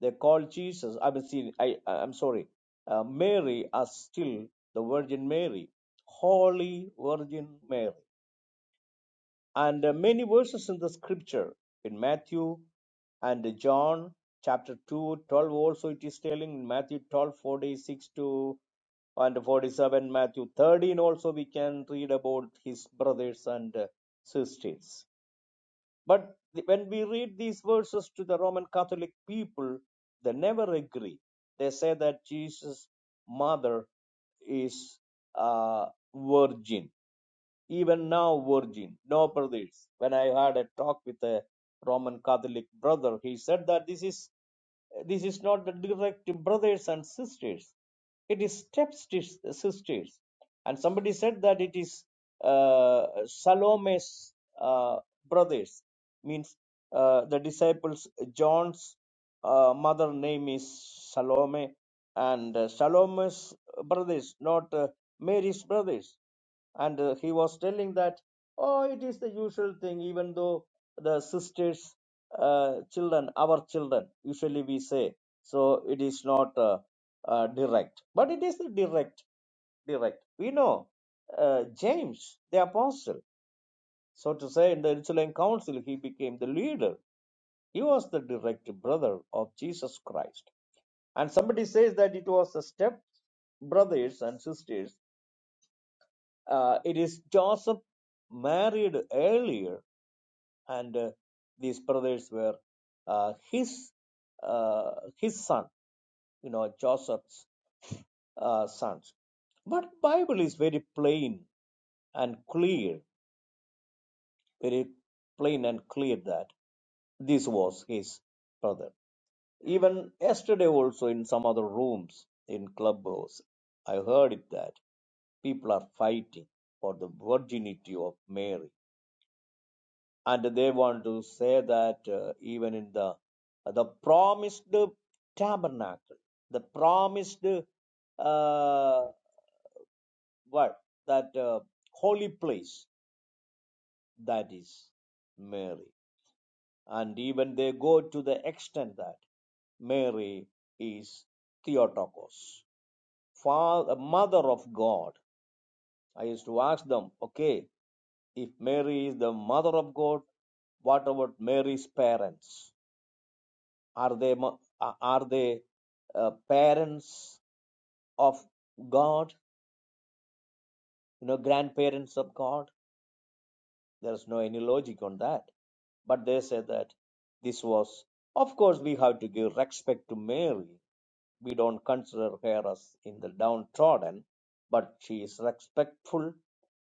they call Jesus. I mean, see, I I'm sorry, uh, Mary as still the Virgin Mary, Holy Virgin Mary, and uh, many verses in the Scripture in Matthew and John chapter 2, 12. also it is telling in Matthew 12 46 to and 47, Matthew 13 also we can read about his brothers and uh, sisters but when we read these verses to the Roman Catholic people, they never agree. They say that Jesus' mother is a virgin even now, Virgin, no brothers. When I had a talk with a Roman Catholic brother, he said that this is this is not the direct brothers and sisters. It is step sisters. And somebody said that it is uh, Salome's uh, brothers, means uh, the disciples John's uh, mother name is Salome, and uh, Salome's brothers, not. uh, Mary's brothers. And uh, he was telling that, oh, it is the usual thing, even though the sisters' uh, children, our children, usually we say. So it is not uh, uh, direct, but it is direct direct. We know uh, James, the apostle, so to say, in the Jerusalem Council, he became the leader. He was the direct brother of Jesus Christ. And somebody says that it was the step brothers and sisters uh, it is Joseph married earlier, and uh, these brothers were uh, his uh, his son, you know, Joseph's uh, sons. But Bible is very plain and clear, very plain and clear that this was his brother. Even yesterday, also in some other rooms in clubhouse, I heard it that people are fighting for the virginity of Mary and they want to say that uh, even in the the promised tabernacle the promised uh, what that uh, holy place that is mary and even they go to the extent that mary is theotokos father, mother of god i used to ask them okay if mary is the mother of god what about mary's parents Are they mo- a- are they uh, parents of God? You know, grandparents of God? There's no any logic on that. But they say that this was, of course, we have to give respect to Mary. We don't consider her as in the downtrodden, but she is respectful.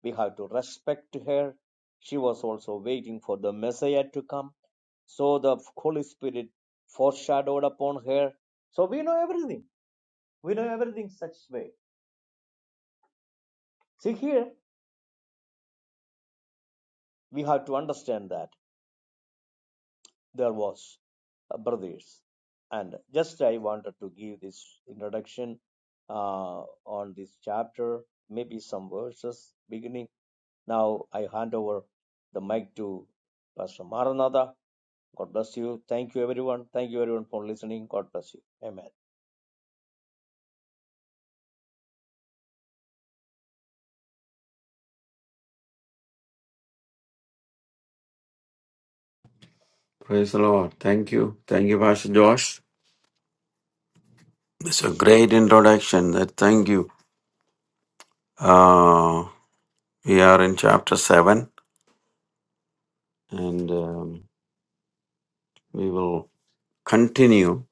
We have to respect her. She was also waiting for the Messiah to come. So the Holy Spirit foreshadowed upon her. So we know everything We know everything such way. See here, we have to understand that there was uh, brothers, and just I wanted to give this introduction uh, on this chapter, maybe some verses beginning. Now I hand over the mic to Pastor Maranatha. God bless you. Thank you, everyone. Thank you, everyone, for listening. God bless you. Amen.
Praise the Lord. Thank you. Thank you, Pastor Josh. It's a great introduction. That thank you. Uh, we are in chapter seven, and um, we will continue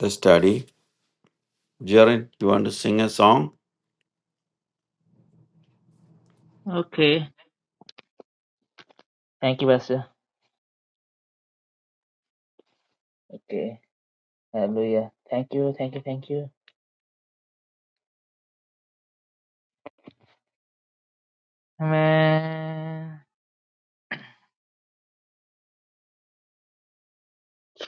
the study. Jared, you want to sing a song?
Okay. Thank you, Pastor. Okay. Hallelujah. Thank you. Thank you. Thank you. Amen.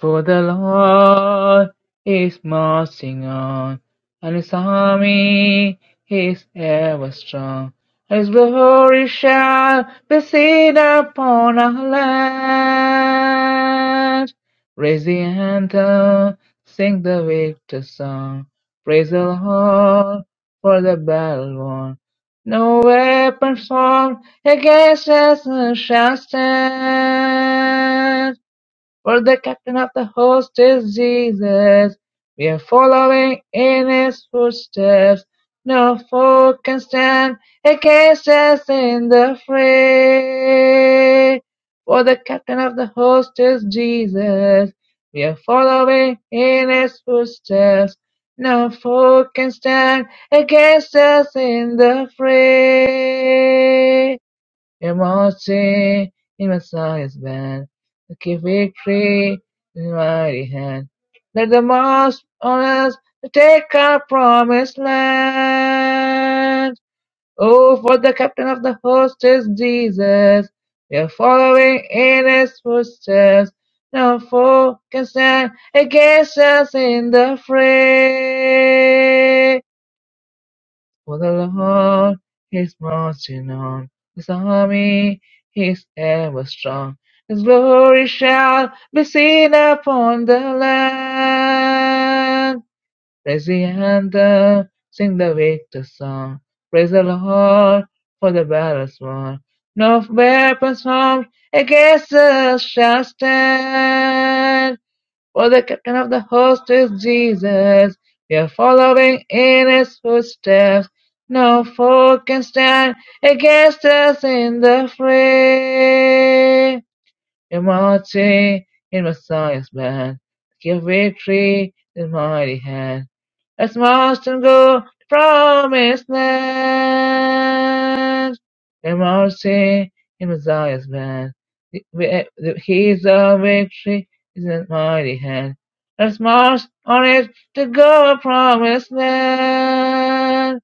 For the Lord is marching on, and his army is ever strong. His glory shall be seen upon our land. Raise the anthem, sing the victor song. Praise the Lord for the battle won. No weapon formed against us shall stand. For the captain of the host is Jesus. We are following in his footsteps. No foe can stand against us in the fray. For the captain of the host is Jesus. We are following in his footsteps. No foe can stand against us in the fray. Emotion in my sight is bad. I keep victory in my hand. Let the most honest take our promised land. Oh, for the captain of the host is Jesus. We are following in his footsteps. No foe can stand against us in the fray. For the Lord is marching on, his army is ever strong. His glory shall be seen upon the land. Praise the anthem, sing the victor song. Praise the Lord for the battle's won. No weapons formed against us shall stand. For the captain of the host is Jesus. We are following in his footsteps. No foe can stand against us in the fray. Immortality in Messiah's blood. Give victory in mighty hand. Let's march and go to promised land. The mercy in Messiah's man. The, the, the, his of victory is in mighty hand. Let's march on it to go to promised land.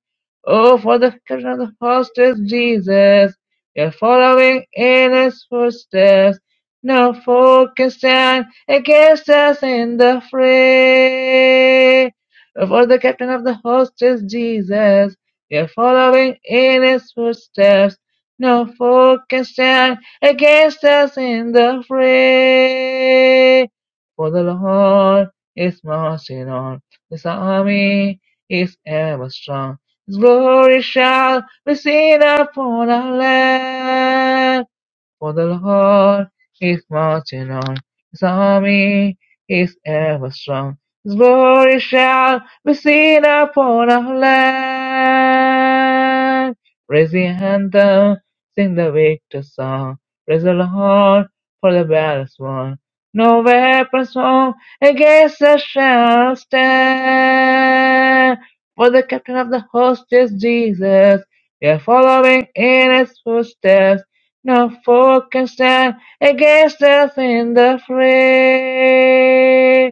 Oh, for the captain of the host is Jesus. We are following in his footsteps. No foe can stand against us in the fray. For the captain of the host is Jesus. We are following in his footsteps. No foe can stand against us in the fray. For the Lord is marching on. His army is ever strong. His glory shall be seen upon our land. For the Lord is marching on, his army is ever strong, his glory shall be seen upon our land. Raise the anthem, sing the victor song, praise the Lord for the battle is won. No weapons formed against us shall stand. For the captain of the host is Jesus, we are following in his footsteps. No foe can stand against us in the fray.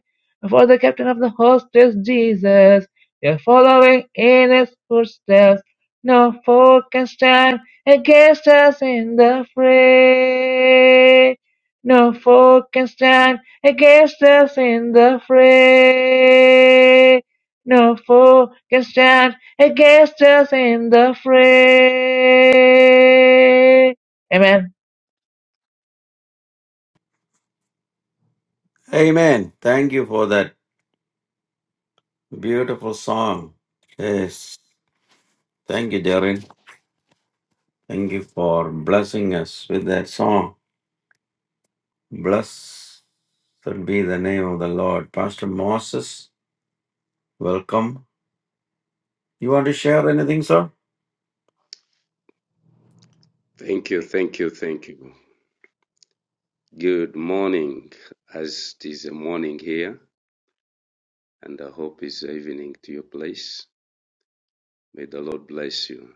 For the captain of the host is Jesus. We are following in his footsteps. No foe can stand against us in the fray. No foe can stand against us in the fray. No foe can stand against us in the fray. Amen.
Amen. Thank you for that beautiful song. Yes. Thank you, Jared. Thank you for blessing us with that song. Blessed be the name of the Lord. Pastor Moses, welcome. You want to share anything, sir?
Thank you, thank you, thank you. Good morning, as it is a morning here, and I hope it's evening to your place. May the Lord bless you.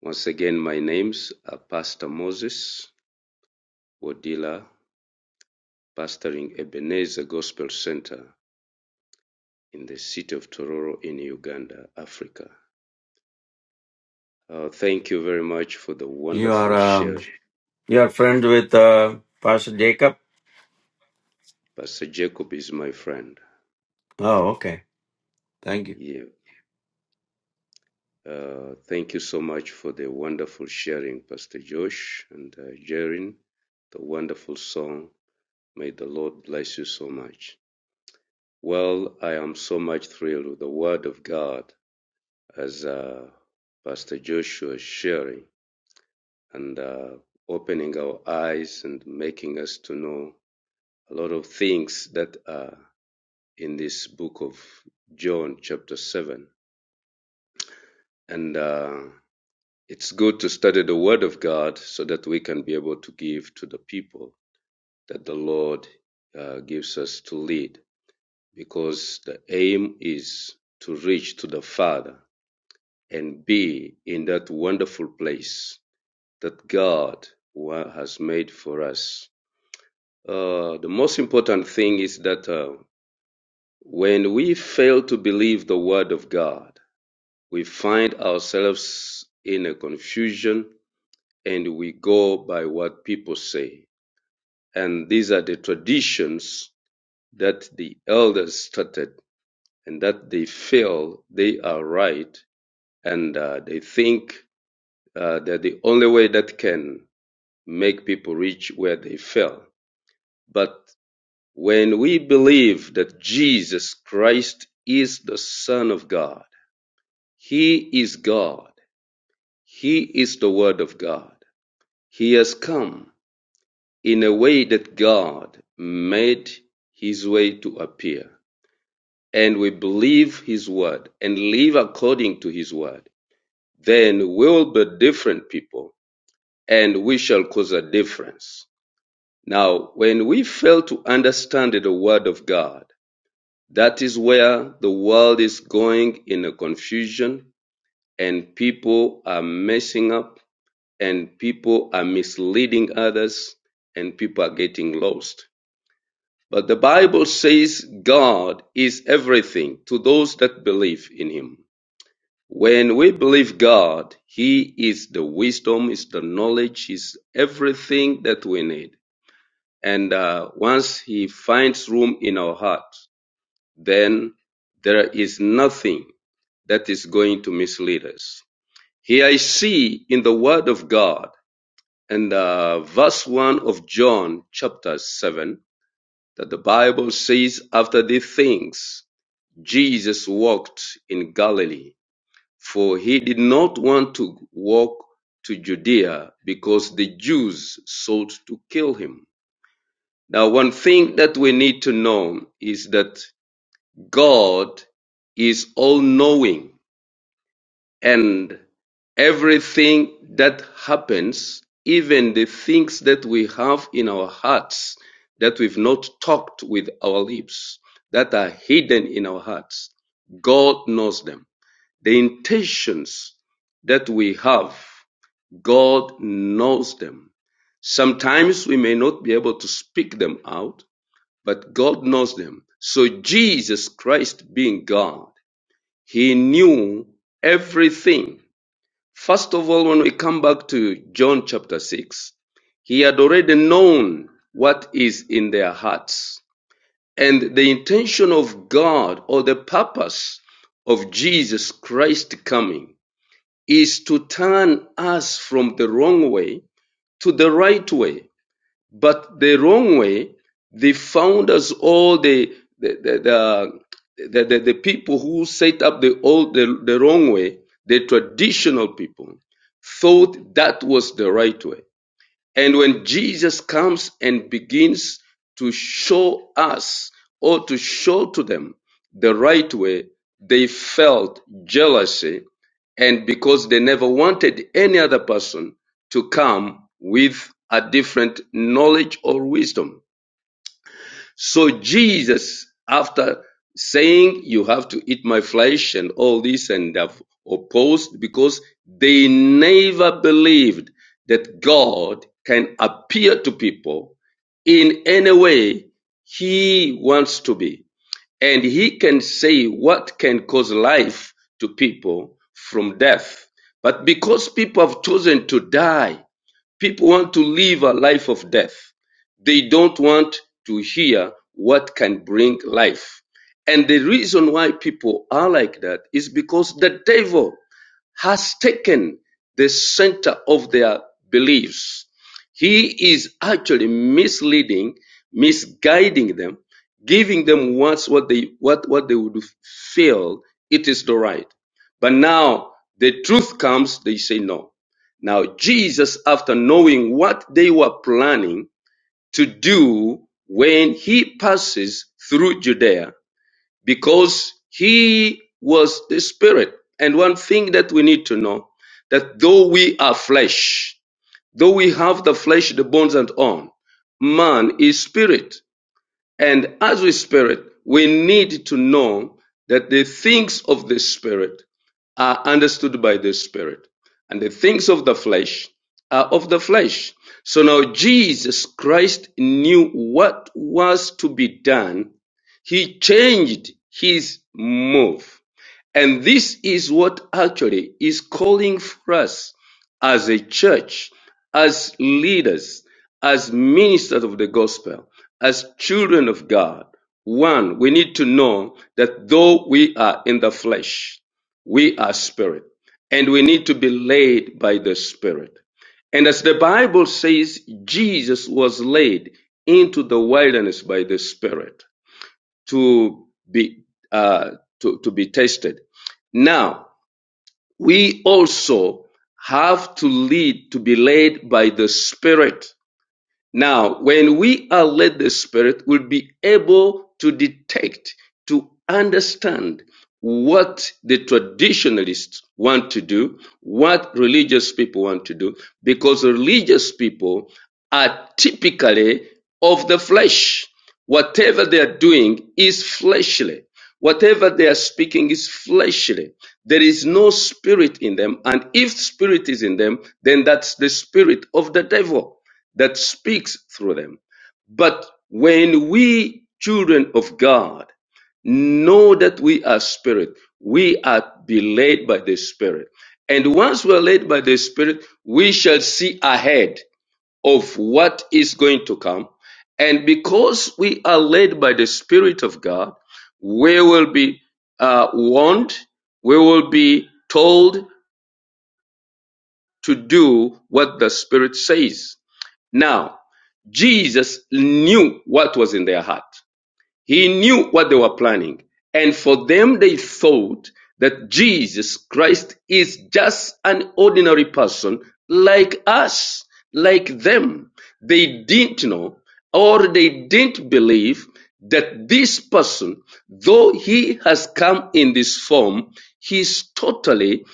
Once again, my name's are Pastor Moses Wodila, pastoring Ebenezer Gospel Center in the city of Tororo in Uganda, Africa. Uh, thank you very much for the
You are.
wonderful
um,
share.
You are friends with uh, Pastor Jacob?
Pastor Jacob is my friend.
Oh, okay. Thank you.
Yeah, Uh, thank you so much for the wonderful sharing, Pastor Josh and uh, Jaren, the wonderful song. May the Lord bless you so much. Well, I am so much thrilled with the Word of God as uh, Pastor Joshua is sharing and uh, opening our eyes and making us to know a lot of things that are in this book of John, chapter 7. And uh, It's good to study the Word of God so that we can be able to give to the people that the Lord uh, gives us to lead, because the aim is to reach to the Father and be in that wonderful place that God has made for us. Uh, the most important thing is that uh, when we fail to believe the Word of God, we find ourselves in a confusion and we go by what people say. And these are the traditions that the elders started and that they feel they are right. And uh, they think uh, that the only way that can make people reach where they fell. But when we believe that Jesus Christ is the Son of God, He is God, He is the Word of God, He has come in a way that God made his way to appear and we believe his word and live according to his word, then we will be different people and we shall cause a difference. Now, when we fail to understand the word of God, that is where the world is going in a confusion and people are messing up and people are misleading others and people are getting lost But the Bible says God is everything to those that believe in Him. When we believe God, He is the wisdom, is the knowledge, is everything that we need. And uh, once He finds room in our heart, then there is nothing that is going to mislead us. Here I see in the Word of God and uh, verse 1 of John chapter 7 that the Bible says, After these things, Jesus walked in Galilee, for he did not want to walk to Judea because the Jews sought to kill him. Now, one thing that we need to know is that God is all knowing and everything that happens, even the things that we have in our hearts that we've not talked with our lips, that are hidden in our hearts, God knows them. The intentions that we have, God knows them. Sometimes we may not be able to speak them out, but God knows them. So Jesus Christ being God, he knew everything. First of all, when we come back to John chapter 6, he had already known what is in their hearts. And the intention of God or the purpose of Jesus Christ coming is to turn us from the wrong way to the right way. But the wrong way, the founders, all the the the, the, the, the, people who set up the old the, the wrong way, the traditional people, thought that was the right way. And when Jesus comes and begins to show us or to show to them the right way, they felt jealousy. And because they never wanted any other person to come with a different knowledge or wisdom. So Jesus, after saying, you have to eat my flesh and all this and have opposed because they never believed that God can appear to people in any way he wants to be. And he can say what can cause life to people from death. But because people have chosen to die, People want to live a life of death. They don't want to hear what can bring life. And the reason why people are like that is because the devil has taken the center of their beliefs. He is actually misleading, misguiding them, giving them once what they what, what they would feel it is the right. But now the truth comes, they say no. Now Jesus, after knowing what they were planning to do when he passes through Judea, because he was the spirit. And one thing that we need to know that though we are flesh, though we have the flesh, the bones and all, man is spirit. And as we spirit, we need to know that the things of the spirit are understood by the Spirit, and the things of the flesh are of the flesh. So now Jesus Christ knew what was to be done. He changed his move. And this is what actually is calling for us as a church, as leaders, as ministers of the gospel, as children of God. One, we need to know that though we are in the flesh, we are spirit, and we need to be led by the spirit. And as the Bible says, Jesus was led into the wilderness by the spirit to be uh, to, to be tested. Now we also have to lead to be led by the Spirit now, when we are led the Spirit, we'll be able to detect, to understand what the traditionalists want to do, what religious people want to do, because religious people are typically of the flesh. Whatever they are doing is fleshly. Whatever they are speaking is fleshly. There is no spirit in them. And if spirit is in them, then that's the spirit of the devil that speaks through them. But when we, children of God, know that we are spirit, we are be led by the spirit. And once we are led by the spirit, we shall see ahead of what is going to come. And because we are led by the spirit of God, we will be uh, warned, we will be told, to do what the Spirit says. Now, Jesus knew what was in their heart. He knew what they were planning, and for them they thought that Jesus Christ is just an ordinary person like us, like them. They didn't know or they didn't believe that this person, though he has come in this form, he's totally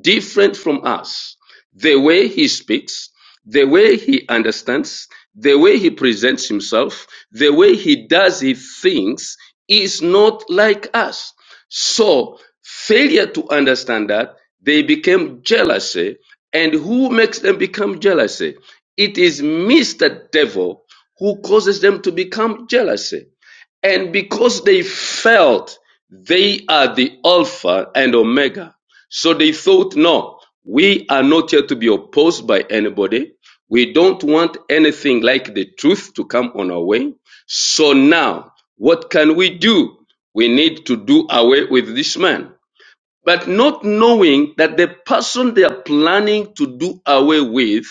different from us. The way he speaks, the way he understands, the way he presents himself, the way he does his things is not like us. So failure to understand that they became jealousy. And who makes them become jealousy? It is Mr. Devil who causes them to become jealousy. And because they felt they are the Alpha and Omega, so they thought, no, we are not here to be opposed by anybody. We don't want anything like the truth to come on our way. So now, what can we do? We need to do away with this man but not knowing that the person they are planning to do away with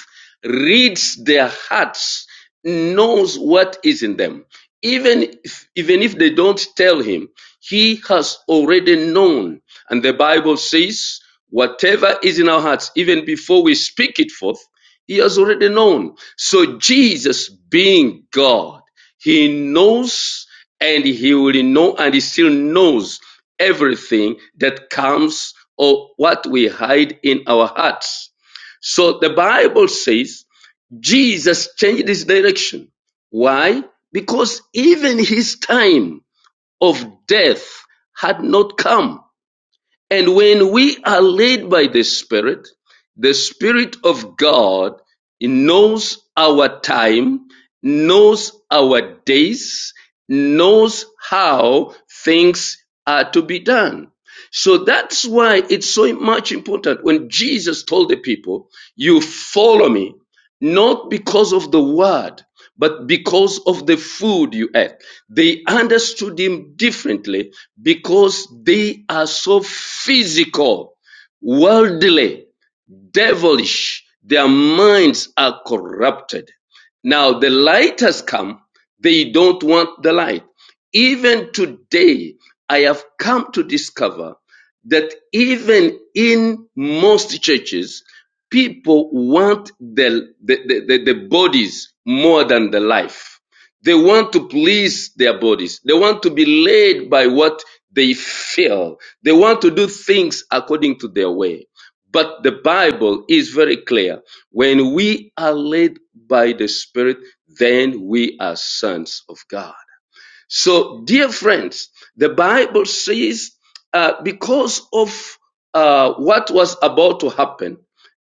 reads their hearts, knows what is in them. Even if, even if they don't tell him, he has already known. And the Bible says, whatever is in our hearts, even before we speak it forth, he has already known. So Jesus being God, he knows and he will know and he still knows everything that comes or what we hide in our hearts. So the Bible says Jesus changed his direction. Why? Because even his time of death had not come. And when we are led by the Spirit, the Spirit of God knows our time, knows our days, knows how things are to be done. So that's why it's so much important when Jesus told the people, You follow me not because of the word, but because of the food you ate. They understood him differently because they are so physical, worldly, devilish. Their minds are corrupted. Now the light has come. They don't want the light. Even today, I have come to discover that even in most churches, people want the, the, the, the, bodies more than the life. They want to please their bodies. They want to be led by what they feel. They want to do things according to their way. But the Bible is very clear. When we are led by the Spirit, then we are sons of God. So, dear friends, the Bible says uh, because of uh, what was about to happen,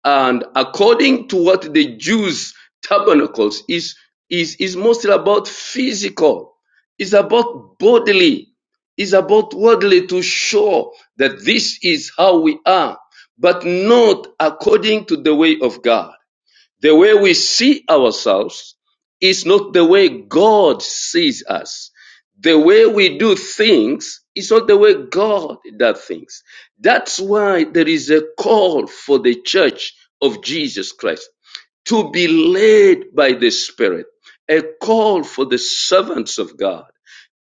and according to what the Jews tabernacles is is is mostly about physical, is about bodily, is about worldly to show that this is how we are, but not according to the way of God. The way we see ourselves is not the way God sees us. The way we do things is not the way God does things. That's why there is a call for the church of Jesus Christ to be led by the Spirit, a call for the servants of God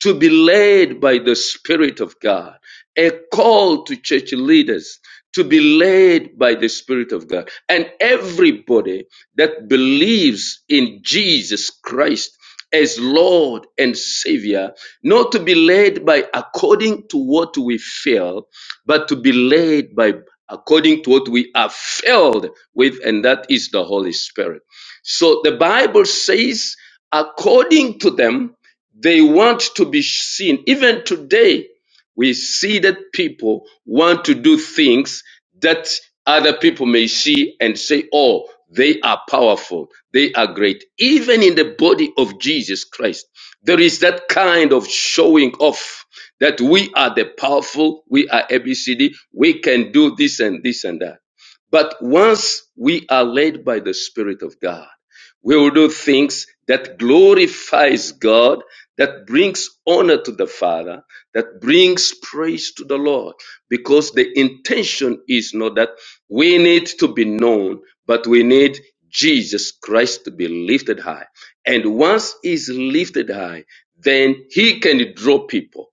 to be led by the Spirit of God. A call to church leaders to be led by the Spirit of God. And everybody that believes in Jesus Christ as Lord and Savior, not to be led by according to what we feel, but to be led by according to what we are filled with, and that is the Holy Spirit. So the Bible says, according to them, they want to be seen. Even today, we see that people want to do things that other people may see and say, oh, they are powerful. They are great. Even in the body of Jesus Christ, there is that kind of showing off that we are the powerful. We are ABCD. We can do this and this and that. But once we are led by the Spirit of God, we will do things that glorifies God, that brings honor to the Father, that brings praise to the Lord, because the intention is not that we need to be known, but we need Jesus Christ to be lifted high. And once he's lifted high, then he can draw people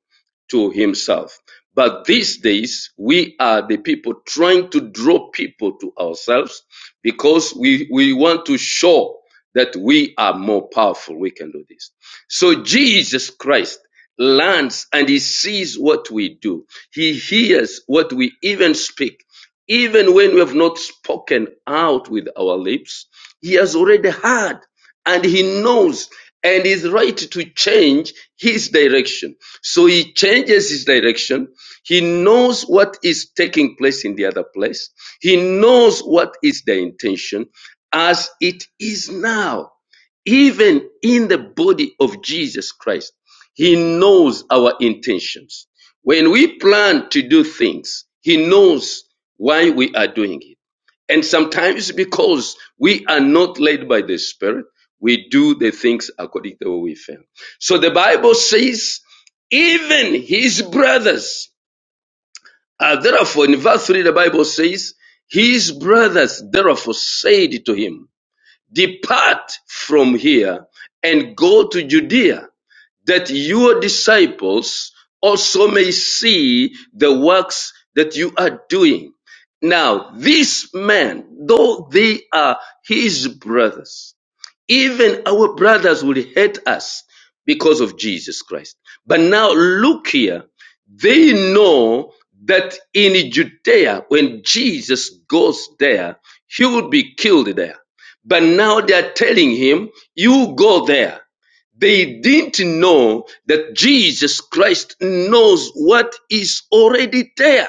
to himself. But these days, we are the people trying to draw people to ourselves because we, we want to show that we are more powerful. We can do this. So Jesus Christ lands and he sees what we do. He hears what we even speak. Even when we have not spoken out with our lips, he has already heard and he knows and is right to change his direction. So he changes his direction. He knows what is taking place in the other place. He knows what is the intention as it is now, even in the body of Jesus Christ. He knows our intentions. When we plan to do things, he knows why we are doing it. And sometimes because we are not led by the Spirit, we do the things according to what we feel. So the Bible says, even his brothers, uh, therefore, in verse 3, the Bible says, his brothers therefore said to him, Depart from here and go to Judea that your disciples also may see the works that you are doing. Now, these men, though they are his brothers, even our brothers will hate us because of Jesus Christ. But now look here. They know that in Judea, when Jesus goes there, he will be killed there. But now they are telling him, you go there. They didn't know that Jesus Christ knows what is already there.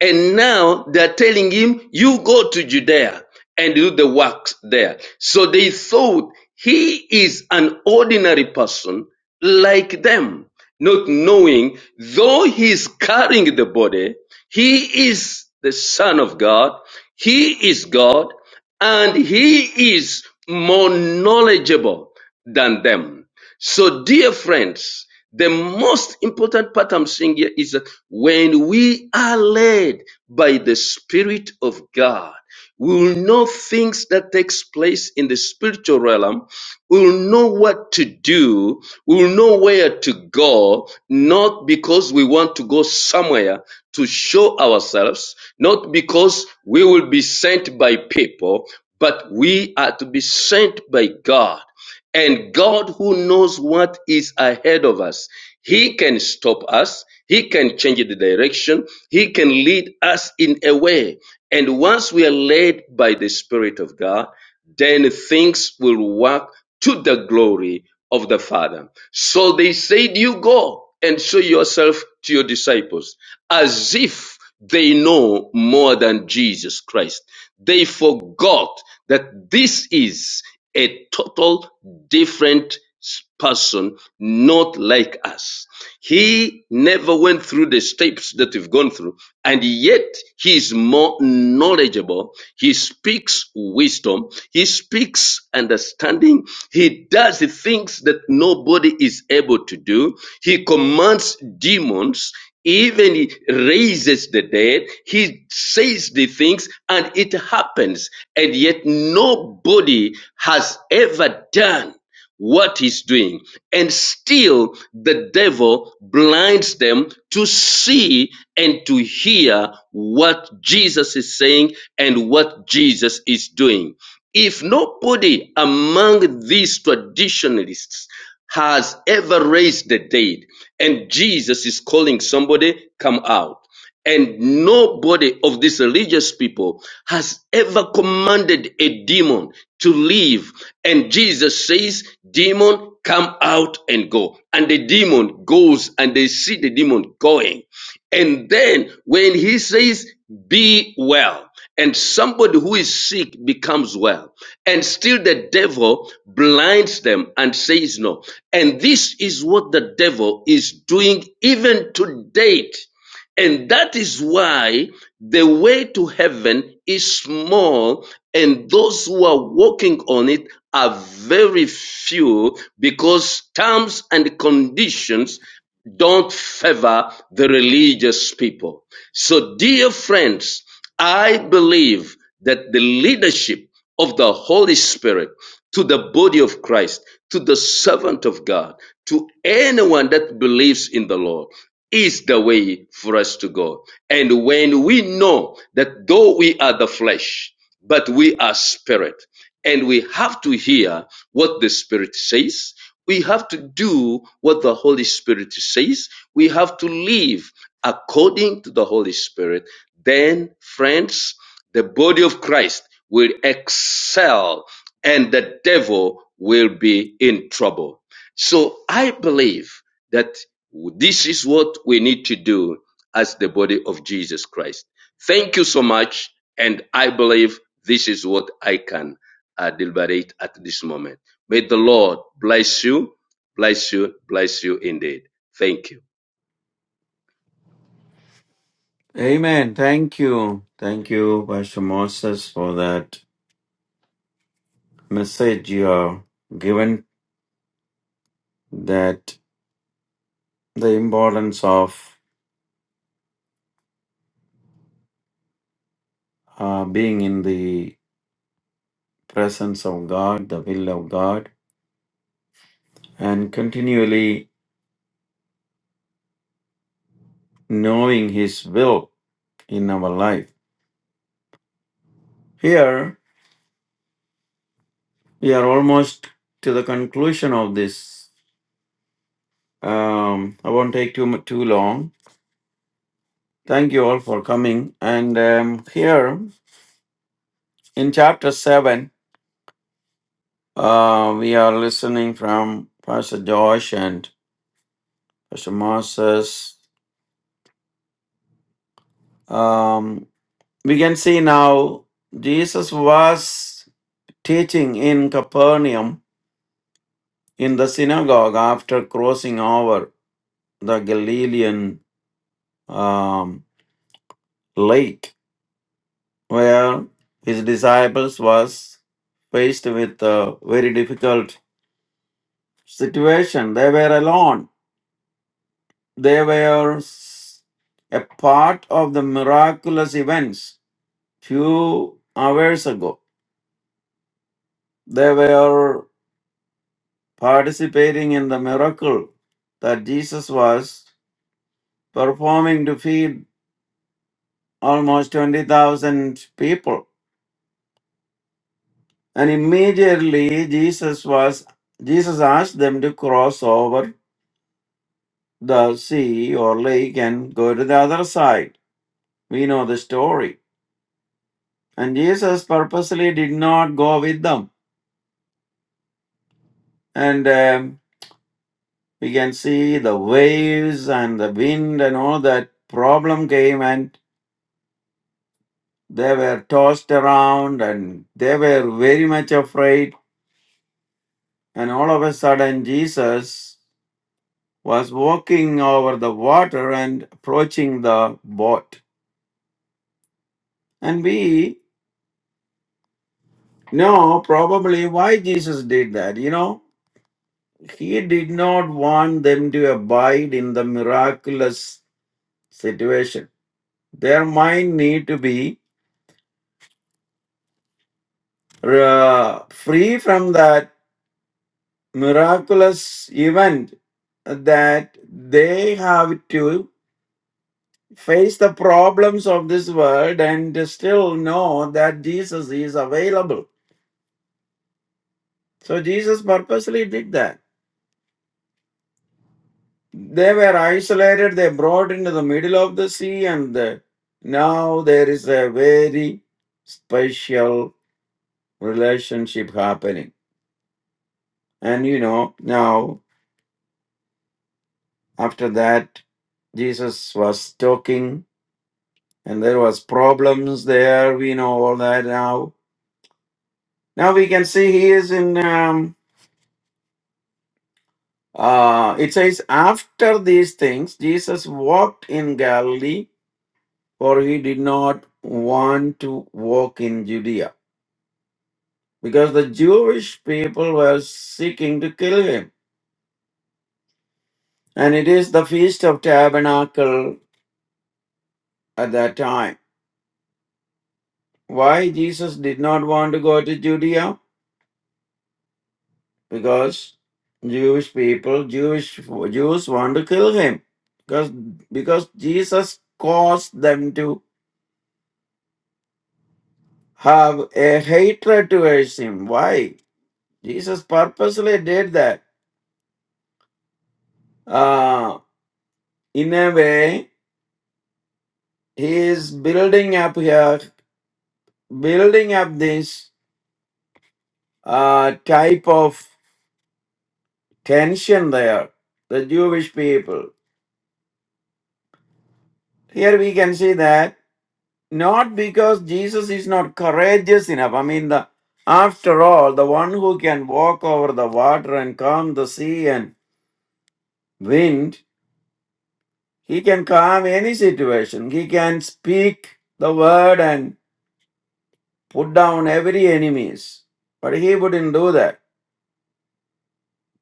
And now they're telling him, you go to Judea and do the works there. So they thought he is an ordinary person like them, not knowing though he is carrying the body, he is the son of God. He is God and he is more knowledgeable than them. So, dear friends, the most important part I'm saying here is that when we are led by the Spirit of God, we will know things that takes place in the spiritual realm. We will know what to do. We will know where to go, not because we want to go somewhere to show ourselves, not because we will be sent by people, but we are to be sent by God. And God, who knows what is ahead of us, He can stop us. He can change the direction. He can lead us in a way. And once we are led by the Spirit of God, then things will work to the glory of the Father. So they said, You go and show yourself to your disciples as if they know more than Jesus Christ. They forgot that this is a total different person, not like us. He never went through the steps that we've gone through, and yet he is more knowledgeable. He speaks wisdom. He speaks understanding. He does the things that nobody is able to do. He commands demons even he raises the dead he says the things and it happens and yet nobody has ever done what he's doing. And still, the devil blinds them to see and to hear what Jesus is saying and what Jesus is doing. If nobody among these traditionalists has ever raised the dead, and Jesus is calling somebody, come out. And nobody of these religious people has ever commanded a demon to leave. And Jesus says, demon, come out and go. And the demon goes and they see the demon going. And then when he says, be well, and somebody who is sick becomes well, and still the devil blinds them and says no. And this is what the devil is doing even to date and that is why the way to heaven is small, and those who are walking on it are very few because terms and conditions don't favor the religious people. So, dear friends, I believe that the leadership of the Holy Spirit to the body of Christ, to the servant of God, to anyone that believes in the Lord is the way for us to go. And when we know that though we are the flesh, but we are spirit, and we have to hear what the spirit says, we have to do what the Holy Spirit says. We have to live according to the Holy Spirit. Then, friends, the body of Christ will excel and the devil will be in trouble. So I believe that this is what we need to do as the body of Jesus Christ. Thank you so much. And I believe this is what I can uh, deliberate at this moment. May the Lord bless you, bless you, bless you indeed. Thank you.
Amen. Thank you. Thank you, Pastor Moses, for that message you have given that the importance of uh, being in the presence of God, the will of God, and continually knowing His will in our life. Here, we are almost to the conclusion of this. Um, I won't take too, mu- too long Thank you all for coming. And um, here in chapter 7, uh, we are listening from Pastor Josh and Pastor Moses. Um, we can see now Jesus was teaching in Capernaum in the synagogue after crossing over the Galilean um, lake, where his disciples was faced with a very difficult situation. They were alone They were s- a part of the miraculous events few hours ago. They were participating in the miracle that Jesus was performing to feed almost 20,000 people. And immediately Jesus was Jesus asked them to cross over the sea or lake and go to the other side. We know the story. And Jesus purposely did not go with them and um, we can see the waves and the wind and all that problem came and they were tossed around and they were very much afraid and all of a sudden jesus was walking over the water and approaching the boat and we know probably why jesus did that you know he did not want them to abide in the miraculous situation their mind need to be uh, free from that miraculous event that they have to face the problems of this world and still know that Jesus is available. So Jesus purposely did that. They were isolated, they brought into the middle of the sea, and uh, now there is a very special relationship happening. And you know, now after that, Jesus was talking and there was problems there we know all that now now we can see he is in um, uh, it says after these things jesus walked in galilee for he did not want to walk in judea because the jewish people were seeking to kill him and it is the feast of tabernacle at that time why jesus did not want to go to judea because Jewish people, Jewish Jews want to kill him because because Jesus caused them to have a hatred towards him. Why? Jesus purposely did that. Uh, in a way, he is building up here, building up this uh, type of tension there. The Jewish people. Here we can see that Not because Jesus is not courageous enough. I mean, the, after all, the one who can walk over the water and calm the sea and wind, he can calm any situation. He can speak the word and put down every enemies. But he wouldn't do that.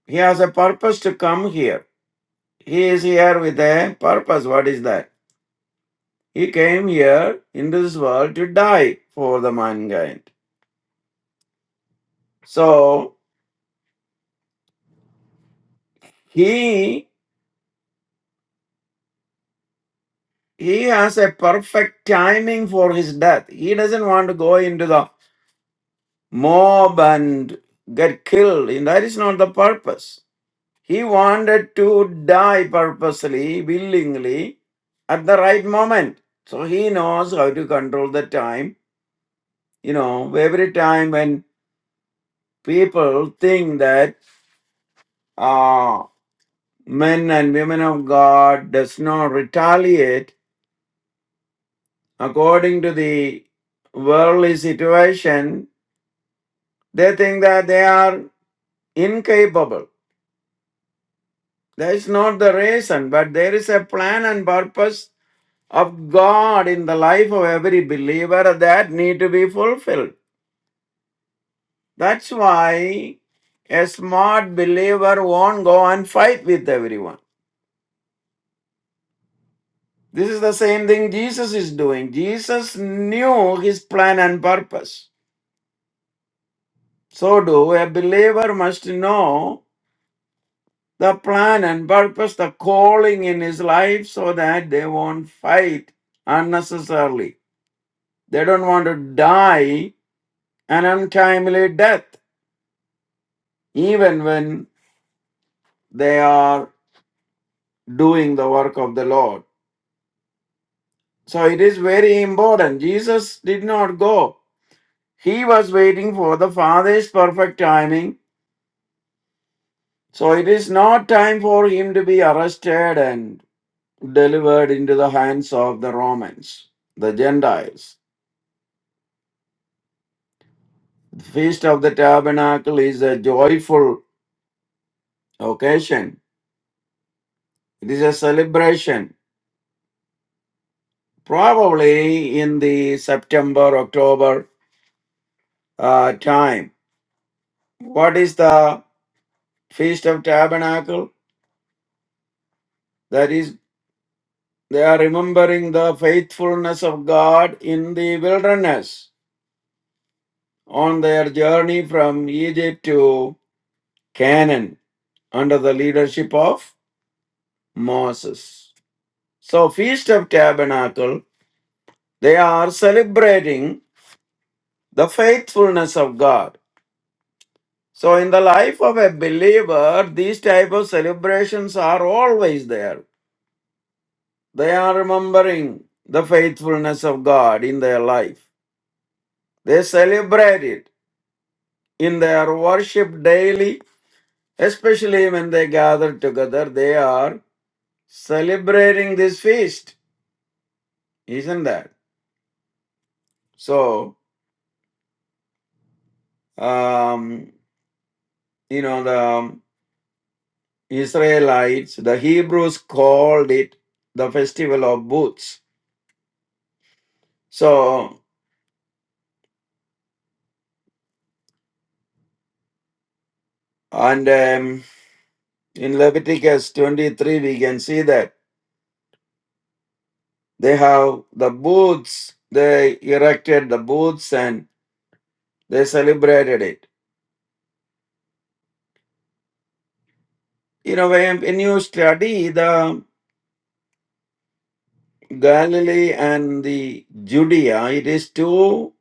He has a purpose to come here. He is here with a purpose. What is that? He came here in this world to die for the mankind. So he He has a perfect timing for his death. He doesn't want to go into the mob and get killed. And that is not the purpose. He wanted to die purposely, willingly, at the right moment. So he knows how to control the time. You know, every time when people think that uh, men and women of God does not retaliate according to the worldly situation, They think that they are incapable. That is not the reason, but there is a plan and purpose of God in the life of every believer that need to be fulfilled. That's why a smart believer won't go and fight with everyone. This is the same thing Jesus is doing. Jesus knew his plan and purpose. So do a believer must know the plan and purpose, the calling in his life so that they won't fight unnecessarily. They don't want to die an untimely death, even when they are doing the work of the Lord. So it is very important. Jesus did not go, he was waiting for the Father's perfect timing. So it is not time for him to be arrested and delivered into the hands of the Romans, the Gentiles. The Feast of the Tabernacle is a joyful occasion. It is a celebration, probably in the September, October uh, time. What is the Feast of Tabernacle? That is, they are remembering the faithfulness of God in the wilderness on their journey from Egypt to Canaan under the leadership of Moses. So, Feast of Tabernacle, they are celebrating the faithfulness of God. So in the life of a believer, these type of celebrations are always there. They are remembering the faithfulness of God in their life. They celebrate it in their worship daily, especially when they gather together, they are celebrating this feast, isn't that? So, um, you know, the Israelites, the Hebrews called it the festival of booths So, and um, in Leviticus 23, we can see that they have the booths, they erected the booths and they celebrated it. You know, when, when you study the Galilee and the Judea, it is two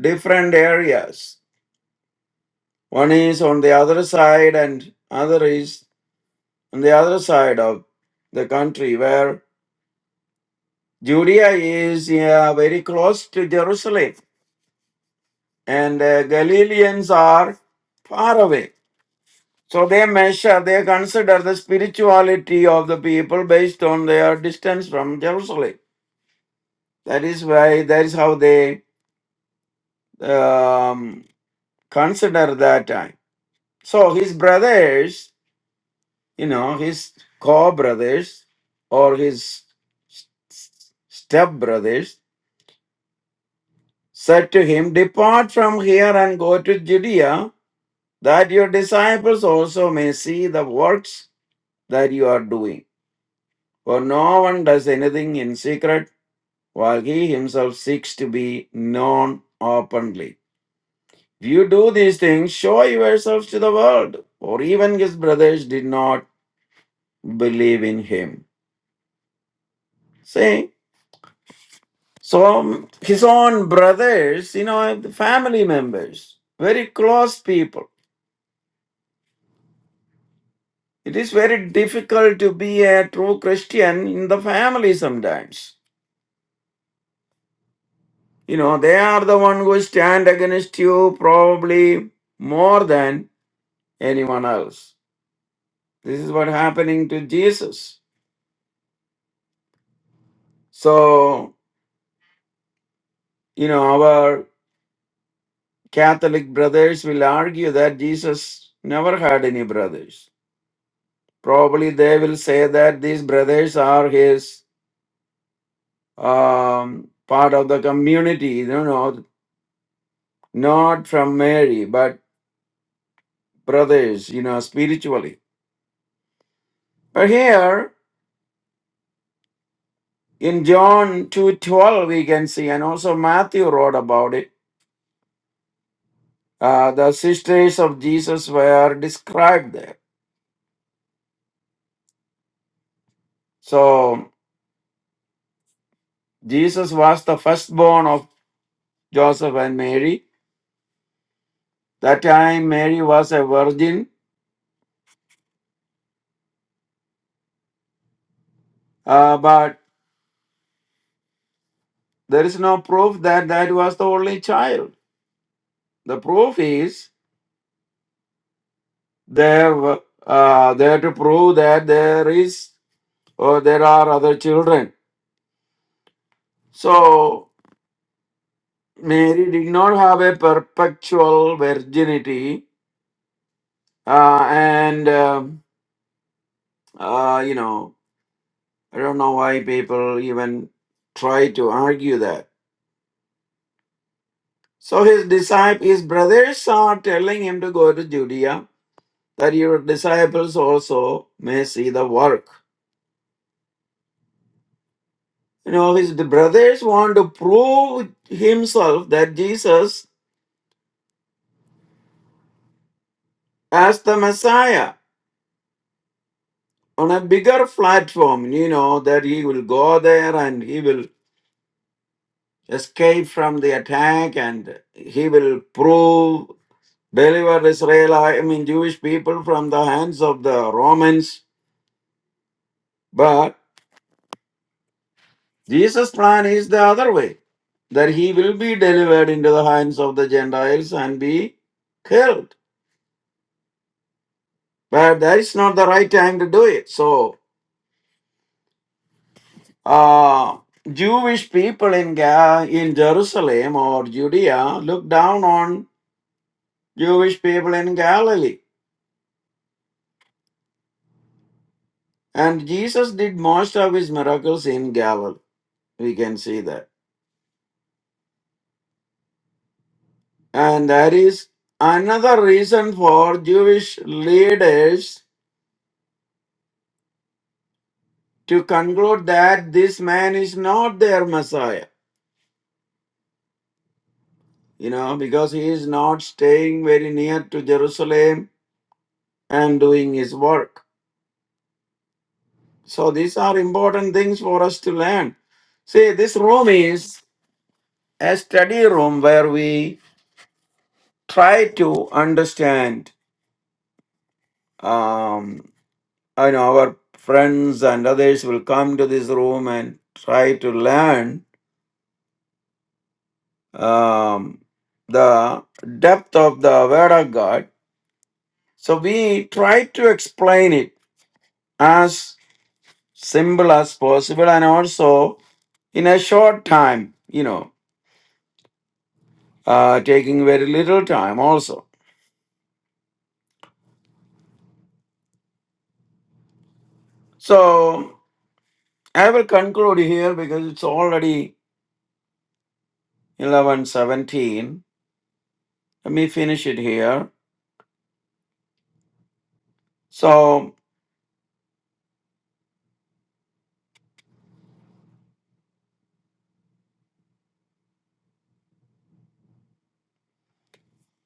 different areas. One is on the other side, and other is on the other side of the country, where Judea is yeah, very close to Jerusalem and the Galileans are far away. So they measure, they consider the spirituality of the people based on their distance from Jerusalem. That is why, that is how they um, consider that time. So his brothers, you know, his co brothers or his step brothers said to him, Depart from here and go to Judea, that your disciples also may see the works that you are doing. For no one does anything in secret, while he himself seeks to be known openly. If you do these things, show yourselves to the world. For even his brothers did not believe in him. See? So his own brothers, you know, the family members, very close people. It is very difficult to be a true Christian in the family sometimes You know, they are the one who stand against you probably more than anyone else. This is what happening to Jesus. So, you know, our Catholic brothers will argue that Jesus never had any brothers. Probably they will say that these brothers are his um, part of the community, you know, not from Mary, but brothers, you know, spiritually. But here In John 2:12 we can see and also Matthew wrote about it. Uh, the sisters of Jesus were described there. So Jesus was the firstborn of Joseph and Mary. That time Mary was a virgin, uh, but there is no proof that that was the only child. The proof is there were- uh, there to prove that there is or there are other children. So Mary did not have a perpetual virginity, uh, and um uh, you know, I don't know why people even try to argue that. So his disciples, his brothers are telling him to go to Judea, that your disciples also may see the work. You know, his brothers want to prove himself that Jesus as the Messiah on a bigger platform. You know that he will go there and he will escape from the attack and he will prove deliver israel i mean jewish people from the hands of the romans but jesus plan is the other way that he will be delivered into the hands of the gentiles and be killed but that is not the right time to do it so uh jewish people in Ga- in jerusalem or judea look down on jewish people in galilee And Jesus did most of his miracles in Galilee. We can see that. And that is another reason for Jewish leaders to conclude that this man is not their Messiah, you know, because he is not staying very near to Jerusalem and doing his work. So these are important things for us to learn. See, this room is a study room where we try to understand um, I know our friends and others will come to this room and try to learn um, the depth of the Word of God. So we try to explain it as simple as possible and also in a short time, you know, uh, taking very little time also. So I will conclude here because it's already 11:17. Let me finish it here. So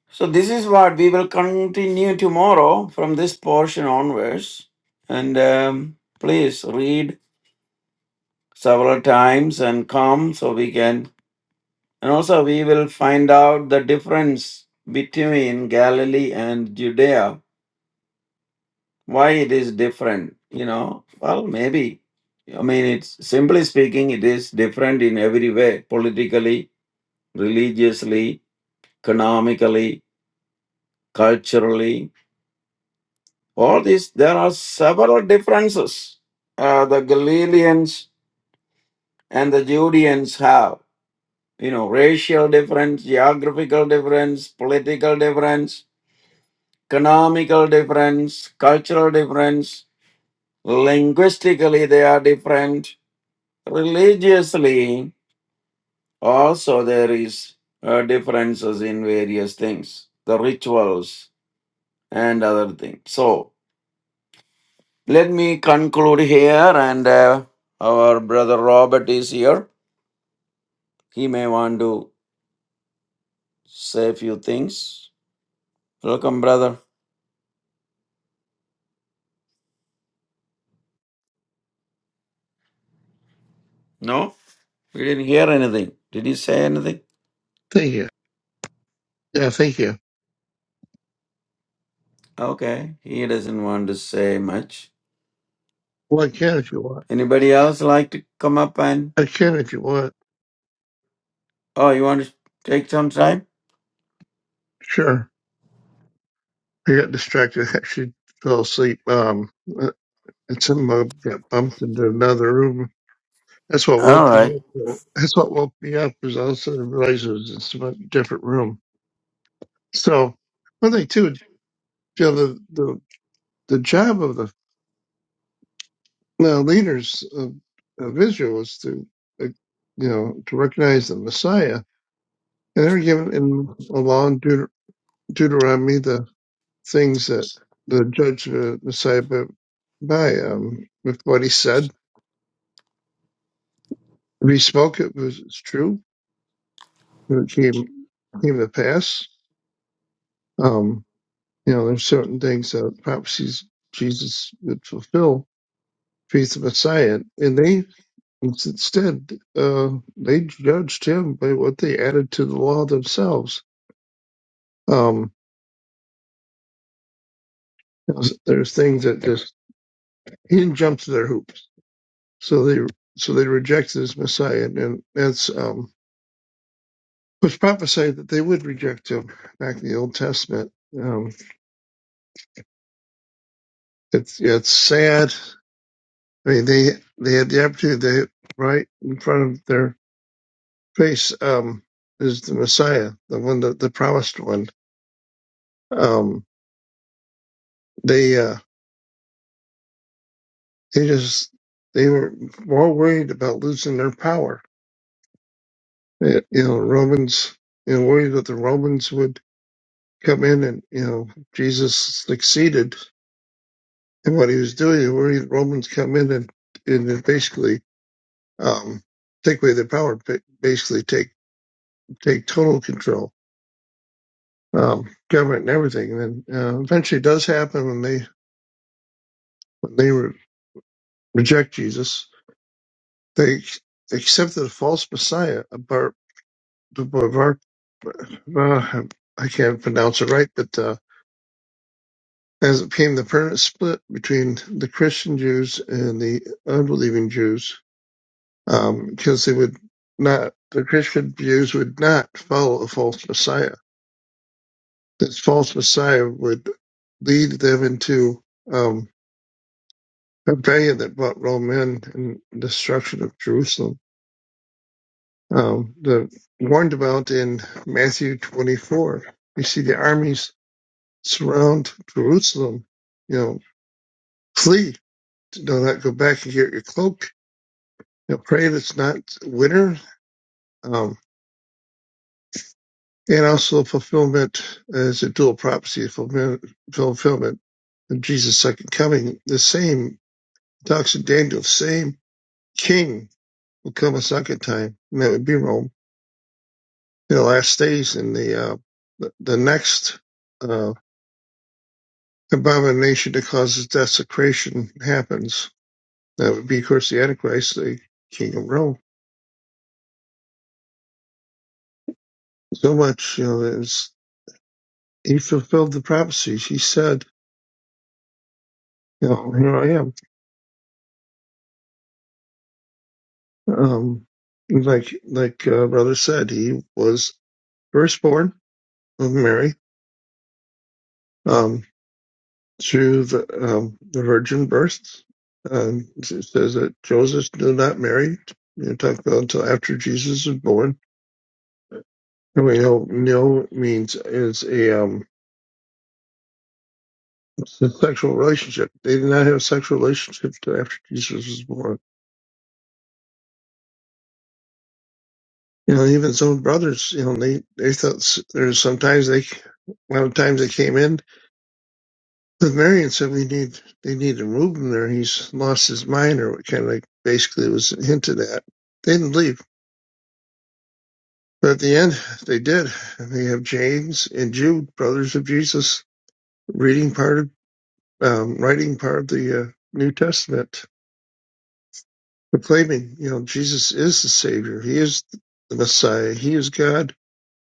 So this is what we will continue tomorrow from this portion onwards. And um, please read several times and come so we can. And also, we will find out the difference between Galilee and Judea. Why it is different? You know, well, maybe. I mean, it's simply speaking, it is different in every way politically, religiously, economically, culturally, All this, there are several differences uh, the Galileans and the Judeans have. You know, racial difference, geographical difference, political difference, economical difference, cultural difference. Linguistically, they are different. Religiously, also there is uh, differences in various things, the rituals and other things. So Let me conclude here, and uh, our brother Robert is here. He may want to say a few things. Welcome, brother. No, we didn't hear anything. Did he say anything?
Thank you. Yeah, thank you.
Okay, he doesn't want to say much.
Well, I can if you want.
Anybody else like to come up and?
I can if you want.
Oh, you want to take some time?
Sure. I got distracted. I actually fell asleep. Um, uh, and somehow got bumped into another room. That's what
All
woke me
right.
up. Well, That's what woke me up was all of a sudden I realized it was in some different room. So one thing too, you know, the, the, the job of the uh, leaders of, of Israel is to, uh, you know, to recognize the Messiah. And they're given in along Deuter- Deuteronomy, things that the judge uh, decided by, by um, with what he said. If he spoke, it was it's true. It came came to pass. Um, you know, there's certain things that prophecies Jesus would fulfill, faith of Messiah, and they instead uh, they judged him by what they added to the law themselves. Um, there's there's things that just he didn't jump to their hoops, so they so they rejected his Messiah, and that's um, which prophesied that they would reject him back in the Old Testament. Um, it's it's sad. I mean, they they had the opportunity they, right in front of their face um, is the Messiah, the one that the promised one. Um, they uh, they just they were more worried about losing their power. Eh, You know, Romans. You know, worried that the Romans would come in and you know Jesus succeeded in what he was doing. Worried Romans come in and and basically um, take away their power, basically take take total control, um, government and everything. And then uh, eventually, it does happen when they when they re- reject Jesus, they accepted a false messiah, a bar, the bar, uh, I can't pronounce it right, but uh, as it became the permanent split between the Christian Jews and the unbelieving Jews, um, because they would not the Christian Jews would not follow a false messiah this false Messiah would lead them into um, rebellion that brought Rome in and destruction of Jerusalem. Um, the warned about in Matthew 24. You see the armies surround Jerusalem. You know, flee. Do not go back and get your cloak. You know, pray that it's not winter. Um, and also fulfillment as a dual prophecy, fulfillment, fulfillment of Jesus' second coming. The same talks in Daniel, same king would come a second time, and that would be Rome. In The last days and the uh, the, the next uh, abomination that causes desecration happens. That would be, of course, the Antichrist, the king of Rome. So much, you know, is he fulfilled the prophecies. He said, you know, here I am. Um, like like uh, brother said, he was firstborn of Mary. Um, through the, um, the virgin birth. Um, it says that Joseph did not marry, you know, talk about until after Jesus was born. And we know no means is a, um, it's a sexual relationship. They did not have a sexual relationship till after Jesus was born. You know, even his own brothers, you know, they, they thought there's sometimes they, a lot of times they came in with Mary and said, we need, they need to move him there. He's lost his mind or what kind of like basically was hinted at. They didn't leave But at the end, they did. And they have James and Jude, brothers of Jesus, reading part of, um, writing part of the uh, New Testament, proclaiming, you know, Jesus is the Savior. He is the Messiah. He is God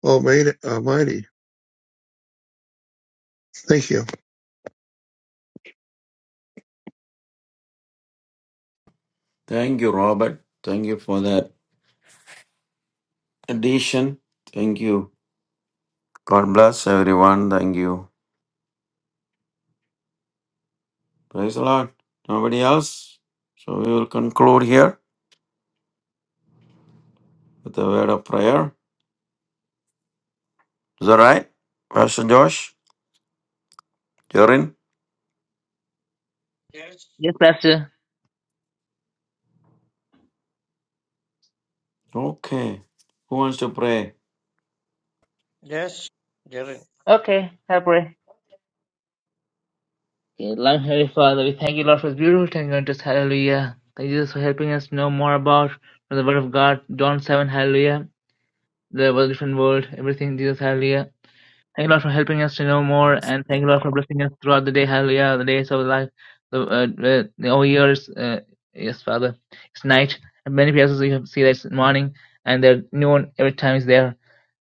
Almighty. Almighty. Thank you.
Thank you, Robert. Thank you for that addition. Thank you. God bless everyone. Thank you. Praise the Lord. Nobody else? So we will conclude here. with the word of prayer. Is that right, Pastor Josh? You're in?
Yes, Pastor.
Okay. Who wants to pray?
Yes, Jaren.
Okay, I pray. Okay, loving Heavenly Father, we thank you, Lord, for this beautiful thing going to us. Hallelujah. Thank you, Jesus, for helping us know more about the Word of God. John 7, Hallelujah. There was a different world, everything, Jesus, Hallelujah. Thank you, Lord, for helping us to know more,
Yes.
and thank you, Lord, for blessing us throughout the day, Hallelujah, the days of life, the, uh, the, the whole years. Uh, yes, Father. It's night, and many places you have- see that it's morning, and the noon every time is there.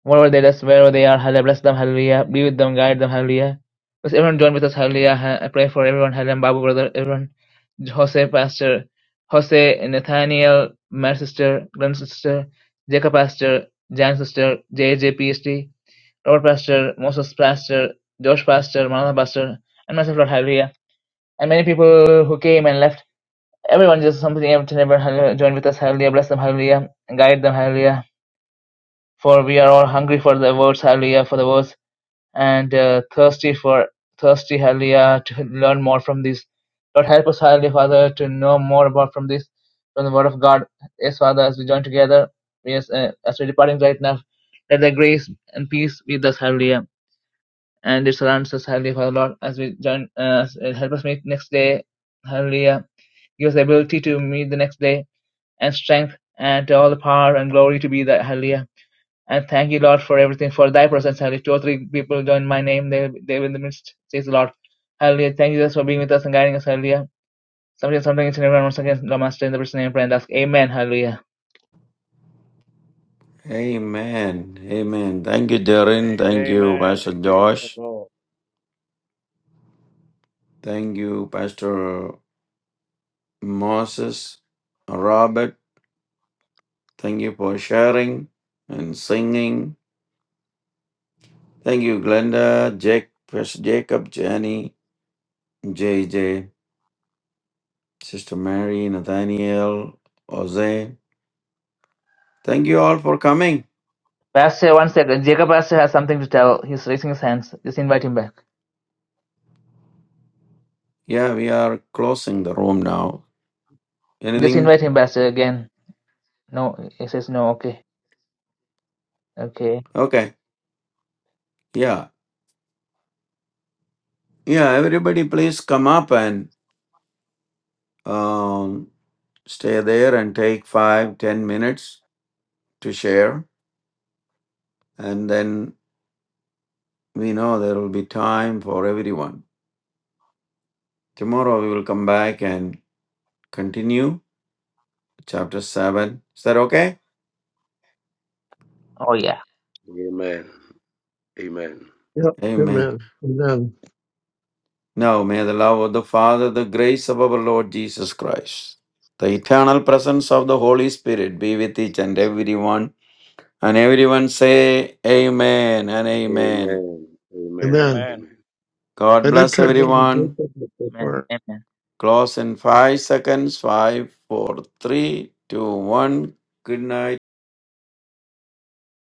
Moreover, they us wherever they are, hallelujah, bless them, hallelujah, be with them, guide them, hallelujah. Let's everyone join with us, hallelujah. I pray for everyone, hallelujah, Babu brother, everyone, Jose pastor, Jose, Nathaniel, my sister, Glenn sister, Jacob pastor, Jan sister, J J P S T, Robert pastor, Moses pastor, Josh pastor, Manana pastor, and myself, Lord, hallelujah. And many people who came and left, everyone just something, everything, everyone, hallelujah, join with us, hallelujah, bless them, hallelujah, and guide them, hallelujah. For we are all hungry for the words, hallelujah, for the words and uh, thirsty for thirsty hallelujah to learn more from this lord help us hallelujah father to know more about from this from the word of god yes father as we join together yes uh, as we're departing right now let the grace and peace be with us hallelujah and it surrounds us hallelujah father lord as we join uh, as- uh, help us meet next day hallelujah give us the ability to meet the next day and strength and all the power and glory to be that hallelujah and thank you, Lord, for everything, for thy presence. Hallelujah. Two or three people join my name. They, they will in the midst. Says the Lord. Hallelujah. Thank you, Jesus, for being with us and guiding us. Hallelujah. Something, something is in everyone. Once again, Lord Master, in the person's name, pray and ask. Amen. Hallelujah.
Amen. Amen. Thank you, Darren. Thank you,
Amen.
Pastor
Praise the
Josh.
Lord.
Thank you, Pastor Moses, Robert. Thank you for sharing and singing. Thank you, Glenda, Jake, Pastor Jacob, Jenny, JJ, Sister Mary, Nathaniel, Jose. Thank you all for coming.
Pastor, one second. Jacob Pastor has something to tell. He's raising his hands. Just invite him back.
Yeah, we are closing the room now.
Just
Anything?
invite him, Pastor, again. No, he says no. Okay. Okay.
Okay. Yeah. Yeah, everybody please come up and um, stay there and take five, ten minutes to share. And then we know there will be time for everyone. Tomorrow we will come back and continue chapter 7. Is that okay?
Oh, yeah.
Amen. Amen.
Yep.
Amen.
Amen. Amen.
Now may the love of the Father, the grace of our Lord Jesus Christ, the eternal presence of the Holy Spirit be with each and everyone And everyone say amen and amen.
Amen. Amen.
Amen.
Amen.
Amen.
God
I did
bless
try to make
Thank you.
a break
everyone.
up
Amen.
before.
Amen.
Close in five seconds. Five, four, three, two, one. Good night.